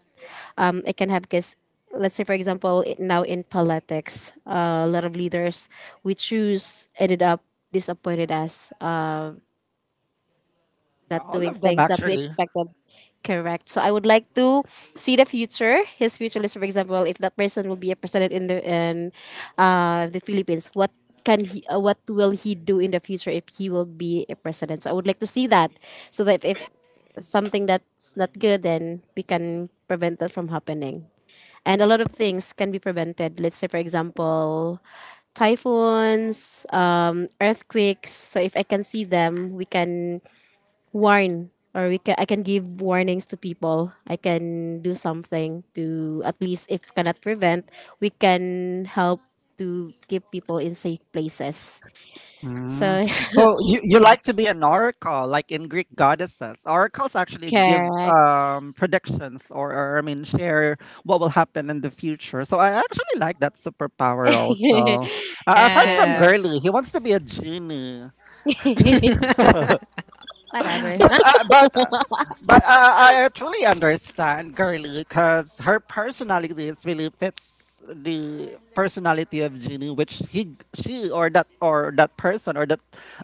Speaker 3: I can have, because let's say for example it, now in politics, a lot of leaders we choose ended up disappointed us,
Speaker 1: Yeah,
Speaker 3: not
Speaker 1: all
Speaker 3: doing
Speaker 1: of them
Speaker 3: things that we
Speaker 1: actually.
Speaker 3: expected. Correct. So I would like to see the future, his future list, for example, if that person will be a president in the Philippines, what what will he do in the future if he will be a president? So I would like to see that, so that if something that's not good, then we can prevent that from happening. And a lot of things can be prevented. Let's say, for example, typhoons, earthquakes. So if I can see them, we can I can give warnings to people. I can do something to at least if cannot prevent, we can help to keep people in safe places.
Speaker 1: Mm.
Speaker 3: So
Speaker 1: So you like to
Speaker 3: yes.
Speaker 1: be an oracle, like in Greek goddesses. Oracles actually give
Speaker 3: Correct.
Speaker 1: predictions, or I mean share what will happen in the future. So I actually like that superpower also. Aside
Speaker 3: Okay.
Speaker 1: from
Speaker 2: Yes.
Speaker 1: girly, he wants to be a genie
Speaker 4: Whatever.
Speaker 1: but I actually understand Girly because her personality is really fits the personality of Genie, which he she or that person or that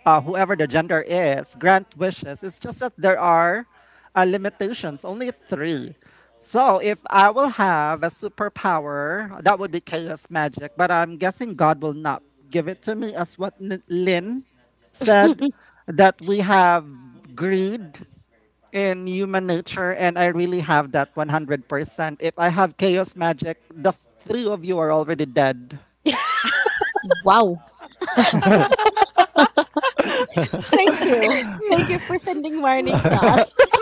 Speaker 1: whoever the gender is grant wishes. It's just that there are limitations, only three. So if I will have a superpower, that would be chaos magic. But I'm guessing God will not give it to me as what Lynn said that we have greed in human nature, and I really have that 100%. If I have chaos magic, the three of you are already dead.
Speaker 4: Wow,
Speaker 3: Thank you. Thank you for sending warnings to us.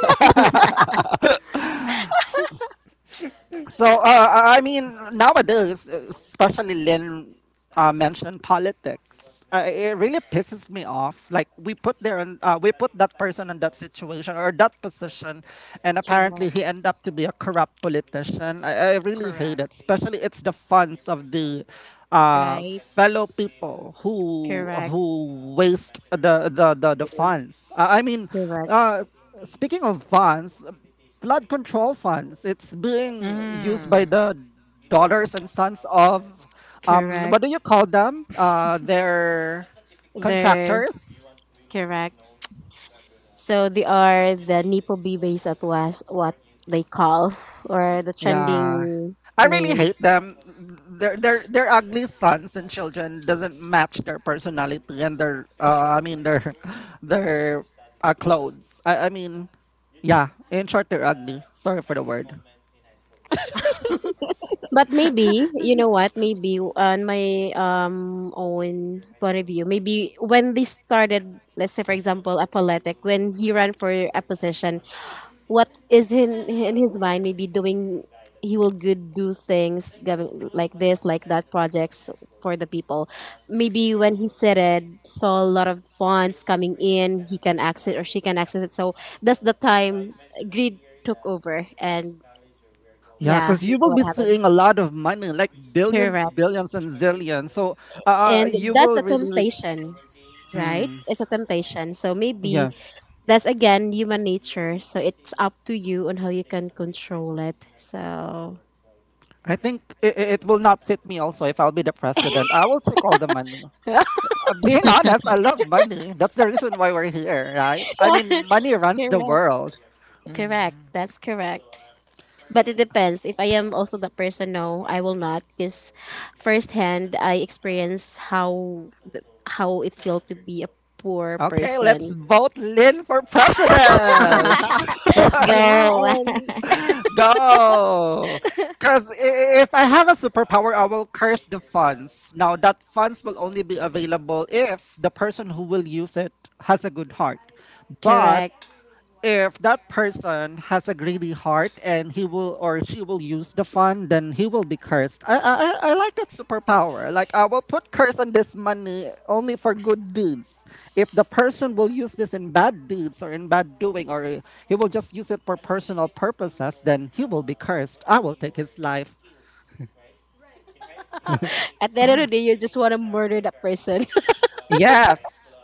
Speaker 1: So I mean, nowadays, especially Lynn mentioned politics. It really pisses me off. Like we put there, and we put that person in that situation or that position, and apparently
Speaker 3: Correct.
Speaker 1: he ended up to be a corrupt politician. I really hate
Speaker 2: Correct.
Speaker 1: it. Especially it's the funds of the
Speaker 3: Right.
Speaker 1: fellow people
Speaker 3: Correct.
Speaker 1: who waste the funds.
Speaker 3: Correct.
Speaker 1: Uh, speaking of funds, flood control funds. It's being used
Speaker 2: Mm.
Speaker 1: by the daughters and sons of um,
Speaker 3: Correct.
Speaker 1: what do you call them? Uh, their
Speaker 3: There.
Speaker 1: contractors.
Speaker 3: Correct. So they are the Nipo babies at was what they call or the
Speaker 1: Yeah.
Speaker 3: trending
Speaker 1: I really hate
Speaker 3: names.
Speaker 1: them. Their their ugly sons and children doesn't match their personality and their I mean their their clothes. I mean, yeah, in short they're ugly. Sorry for the word.
Speaker 3: But maybe you know what? Maybe on my own point of view, maybe when they started, let's say for example, apolitic, when he ran for a position, what is in his mind, maybe doing he will good do things, giving like this like that projects for the people. Maybe when he said it saw a lot of funds coming in, he can access or she can access it, so that's the time greed took over. And
Speaker 1: Yeah,
Speaker 3: yeah,
Speaker 1: because
Speaker 3: you
Speaker 1: you will
Speaker 3: know
Speaker 1: be
Speaker 3: what happened.
Speaker 1: seeing a lot of money, like billions,
Speaker 3: Correct.
Speaker 1: billions, and zillions. So,
Speaker 3: And
Speaker 1: you
Speaker 3: that's
Speaker 1: will
Speaker 3: a
Speaker 1: really,
Speaker 3: temptation. Right,
Speaker 1: mm,
Speaker 3: it's a temptation. So maybe
Speaker 1: yes.
Speaker 3: that's again human nature, so it's up to you on how you can control it. So
Speaker 1: I think it will not fit me also if I'll be the president. I will take all the money. Being honest, I love money. That's the reason why we're here, right? I mean, money runs the
Speaker 3: correct.
Speaker 1: world.
Speaker 3: Correct.
Speaker 2: Mm.
Speaker 3: That's correct. But it depends. If I am also the person, no, I will not, because firsthand I experience how it felt to be a poor
Speaker 1: Okay, let's
Speaker 3: person.
Speaker 1: vote Lynn for president.
Speaker 4: let's
Speaker 3: Yeah,
Speaker 4: go.
Speaker 3: and
Speaker 1: Go! Because if I have a superpower, I will curse the funds. Now, that funds will only be available if the person who will use it has a good heart. But
Speaker 3: correct.
Speaker 1: if that person has a greedy heart and he will or she will use the fund, then he will be cursed. I like that superpower. Like I will put curse on this money only for good deeds. If the person will use this in bad deeds or in bad doing, or he will just use it for personal purposes, then he will be cursed. I will take his life.
Speaker 3: At the end of the day, you just want to murder that person.
Speaker 1: Yes.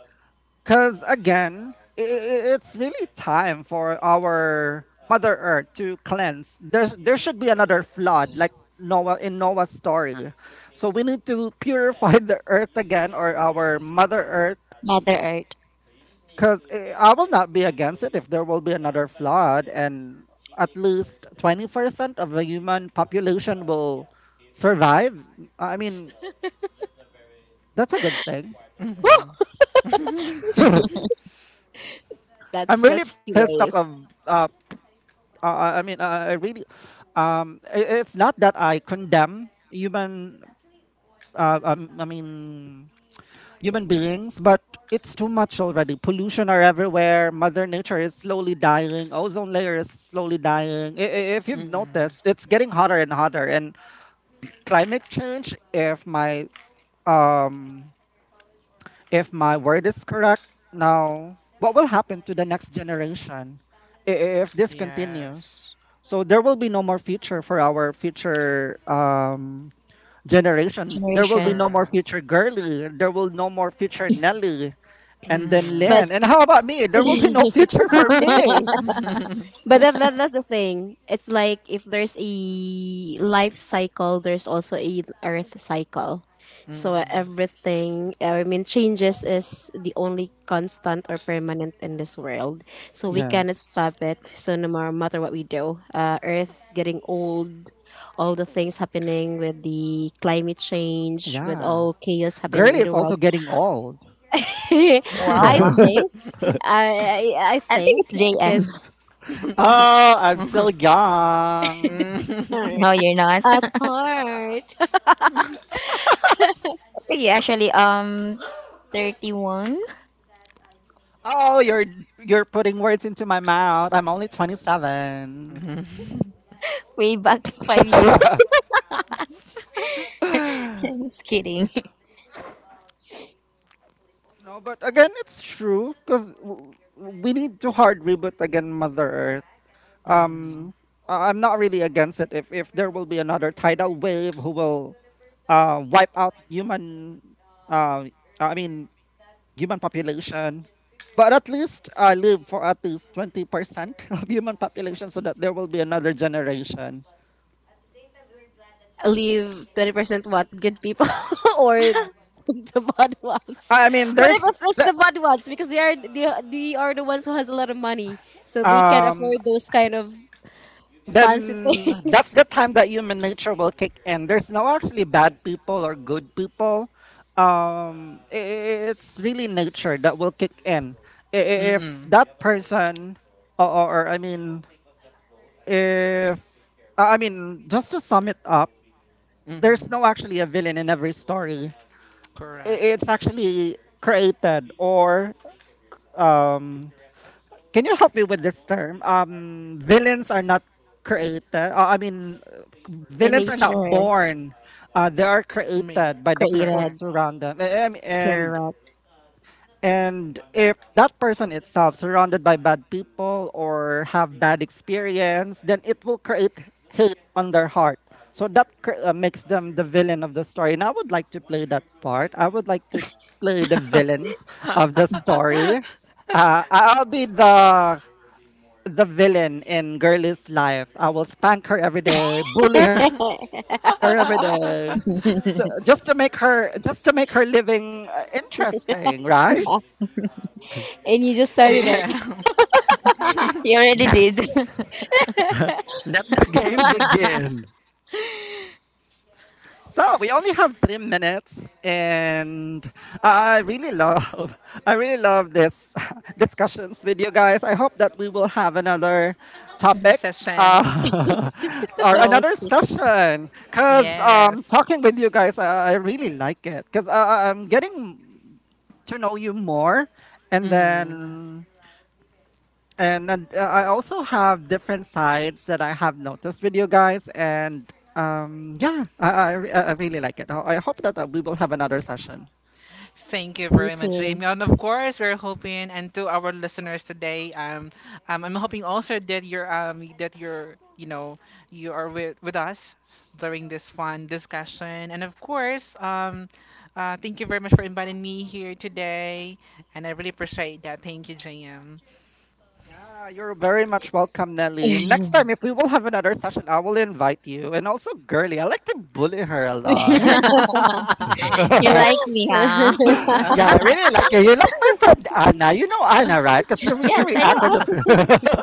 Speaker 1: Because again, it's really time for our Mother Earth to cleanse. There should be another flood, like Noah in Noah's story. So we need to purify the earth again or our Mother Earth.
Speaker 4: Mother Earth
Speaker 1: Because I will not be against it if there will be another flood and at least 20% of the human population will survive. I mean, that's a good thing.
Speaker 2: Mhm.
Speaker 3: Woo! That's
Speaker 1: I'm really
Speaker 3: that's
Speaker 1: pissed off
Speaker 3: hilarious.
Speaker 1: of I really, it's not that I condemn human, uh, um, I mean, human beings, but it's too much already. Pollution are everywhere. Mother Nature is slowly dying. Ozone layer is slowly dying. If you've
Speaker 2: Mm-mm.
Speaker 1: noticed, it's getting hotter and hotter. And climate change, if my um, if my word is correct, now what will happen to the next generation if this
Speaker 2: Yes.
Speaker 1: continues? So there will be no more future for our future generation. There will be
Speaker 4: generation.
Speaker 1: no more
Speaker 2: Correct.
Speaker 1: future girly. There will no more future Nelly, and then
Speaker 2: Mhm.
Speaker 3: But
Speaker 1: Lynn. And how about me? There will be no future for me.
Speaker 2: Mhm.
Speaker 3: But that, that's the thing. It's like if there's a life cycle, there's also a earth cycle. So everything, I mean, changes is the only constant or permanent in this world. So we cannot
Speaker 1: Yes.
Speaker 3: stop it. So no matter what we do, Earth getting old, all the things happening with the climate change, with
Speaker 1: Yeah.
Speaker 3: all chaos happening
Speaker 1: Girly
Speaker 3: in
Speaker 1: is
Speaker 3: the
Speaker 1: also
Speaker 3: world.
Speaker 1: getting old.
Speaker 4: Wow,
Speaker 3: I think I
Speaker 4: I think
Speaker 3: think
Speaker 4: it's JM.
Speaker 3: because
Speaker 1: Oh, I'm
Speaker 2: Mhm.
Speaker 1: still young.
Speaker 4: No, you're not.
Speaker 3: at
Speaker 4: I
Speaker 3: heart,
Speaker 4: think you actually 31,
Speaker 1: Oh, you're putting words into my mouth. I'm only 27.
Speaker 2: Mhm. Mm.
Speaker 4: way back 5 years. Just kidding.
Speaker 1: No, but again, it's true because we need to hard reboot again Mother Earth. Um, I'm not really against it. If there will be another tidal wave who will, wipe out human, uh, I mean human population. But at least live for at least 20% of human population, so that there will be another generation.
Speaker 3: leave 20% what? Good people or the bad ones?
Speaker 1: I mean,
Speaker 3: What if
Speaker 1: there's
Speaker 3: it's it's
Speaker 1: the
Speaker 3: the bad ones? Because they are they are the ones who has a lot of money. So they can
Speaker 1: um
Speaker 3: afford those kind of fancy
Speaker 1: then that's
Speaker 3: things.
Speaker 1: the time that human nature will kick in. There's no actually bad people or good people. Um, i- it's really nature that will kick in. If
Speaker 2: Mm-mm.
Speaker 1: that person, or, I mean, if I I mean, just to sum it up, there's
Speaker 2: Mm-hmm.
Speaker 1: no actually a villain in every story.
Speaker 2: Correct.
Speaker 1: It's actually created or um, can you help me with this term? Villains are not created.
Speaker 3: In
Speaker 1: Villains are not
Speaker 3: nature,
Speaker 1: born. They are
Speaker 2: Me.
Speaker 1: created by the people
Speaker 3: created,
Speaker 2: Correct.
Speaker 1: surround them.
Speaker 3: correct.
Speaker 1: And if that person itself surrounded by bad people or have bad experience, then it will create hate on their heart. So that makes them the villain of the story. And I would like to play that part. I would like to play the villain of the story. I'll be the villain in Girlie's life. I will spank her every day, bully her every day, just to make her, living interesting, right?
Speaker 3: And you just started
Speaker 2: Yeah.
Speaker 3: it.
Speaker 4: You already
Speaker 1: Yes.
Speaker 4: did.
Speaker 1: Let the game begin. So we only have 3 minutes, and I really love, I really love this discussions with you guys. I hope that we will have another topic
Speaker 2: Session.
Speaker 1: uh, or
Speaker 4: You're
Speaker 1: another
Speaker 4: always kidding.
Speaker 1: session, cause
Speaker 2: Yes.
Speaker 1: talking with you guys, I really like it, cause I'm getting to know you more, and
Speaker 2: Hmm.
Speaker 1: then and I also have different sides that I have noticed with you guys, and yeah, I really like it. I hope that we will have another session.
Speaker 2: Thank you
Speaker 3: Me
Speaker 2: very much,
Speaker 3: too.
Speaker 2: Jamie. And of course, we're hoping, and to our listeners today, I'm hoping also that you're, you know, you are with us during this fun discussion. And of course, thank you very much for inviting me here today, and I really appreciate that. Thank you, JM.
Speaker 1: Yeah, you're very much welcome, Nelly. Next time, if we will have another session, I will invite you. And also, girly, I like to bully her a lot.
Speaker 4: You
Speaker 1: Yeah,
Speaker 4: like me, huh?
Speaker 1: I really like you. You like my friend Anna. You know Anna, right? Because you
Speaker 4: Yes,
Speaker 1: really
Speaker 4: I know.
Speaker 1: react on the.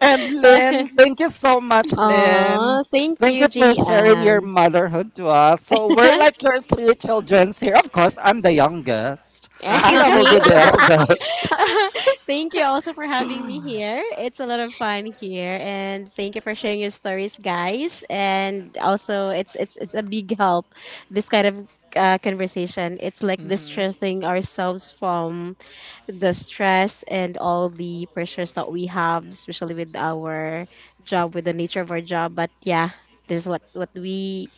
Speaker 1: And Lynn, thank you so much, Lynn.
Speaker 3: Aw, thank
Speaker 1: Thank you
Speaker 3: you,
Speaker 1: for sharing your
Speaker 3: GM.
Speaker 1: motherhood to us. So we're like your three children here. Of course, I'm the youngest.
Speaker 4: Excuse
Speaker 1: Anna will
Speaker 4: me.
Speaker 1: be the eldest.
Speaker 3: Thank you also for having me here. It's a lot of fun here, and thank you for sharing your stories, guys. And also, it's a big help. This kind of conversation, it's like
Speaker 2: Mhm.
Speaker 3: distressing ourselves from the stress and all the pressures that we have, especially with our job, with the nature of our job. But yeah, this is what we.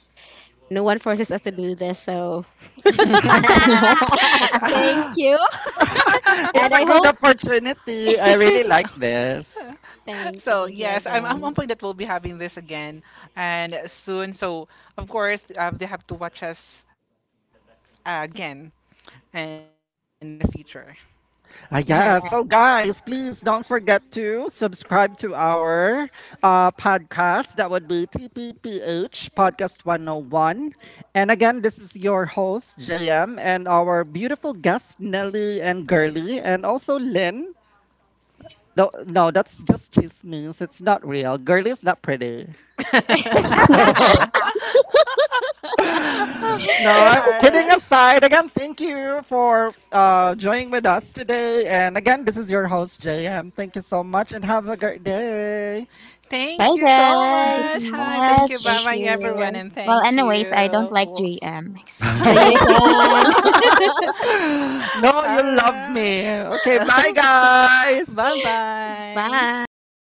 Speaker 3: No one forces us to do this, so
Speaker 2: It's.
Speaker 3: thank you. And
Speaker 1: It's a
Speaker 3: I
Speaker 1: good
Speaker 3: hope
Speaker 1: opportunity. I really like this.
Speaker 3: thank you.
Speaker 2: So
Speaker 3: Thank you
Speaker 2: yes, I'm
Speaker 3: again.
Speaker 2: hoping that we'll be having this again and soon. So of course, they have to watch us again in the future.
Speaker 1: Ah,
Speaker 4: Thank
Speaker 1: yeah. So, guys, please don't forget to subscribe to our podcast. That would be TPPH Podcast 101. And again, this is your host, JM, and our beautiful guests, Nelly and Girly, and also Lynn. No, no, that's just chismes. It's not real. Girly is not pretty. No, I'm kidding
Speaker 2: Alright.
Speaker 1: aside. Again, thank you for joining with us today. And again, this is your host, JM. Thank you so much and have a great day.
Speaker 2: Thank
Speaker 3: Bye,
Speaker 2: you so
Speaker 4: you so
Speaker 2: much.
Speaker 3: guys.
Speaker 2: Hi, thank you. Bye
Speaker 3: Thank
Speaker 4: much.
Speaker 2: bye, everyone,
Speaker 3: you.
Speaker 2: and
Speaker 4: Well,
Speaker 2: thank you.
Speaker 4: anyways, I don't like
Speaker 2: Oh.
Speaker 4: JM.
Speaker 3: See
Speaker 4: Excuse.
Speaker 3: you again.
Speaker 1: No, you love
Speaker 2: Alright.
Speaker 1: me. Okay, bye,
Speaker 2: Bye
Speaker 1: guys.
Speaker 4: Bye.
Speaker 2: bye.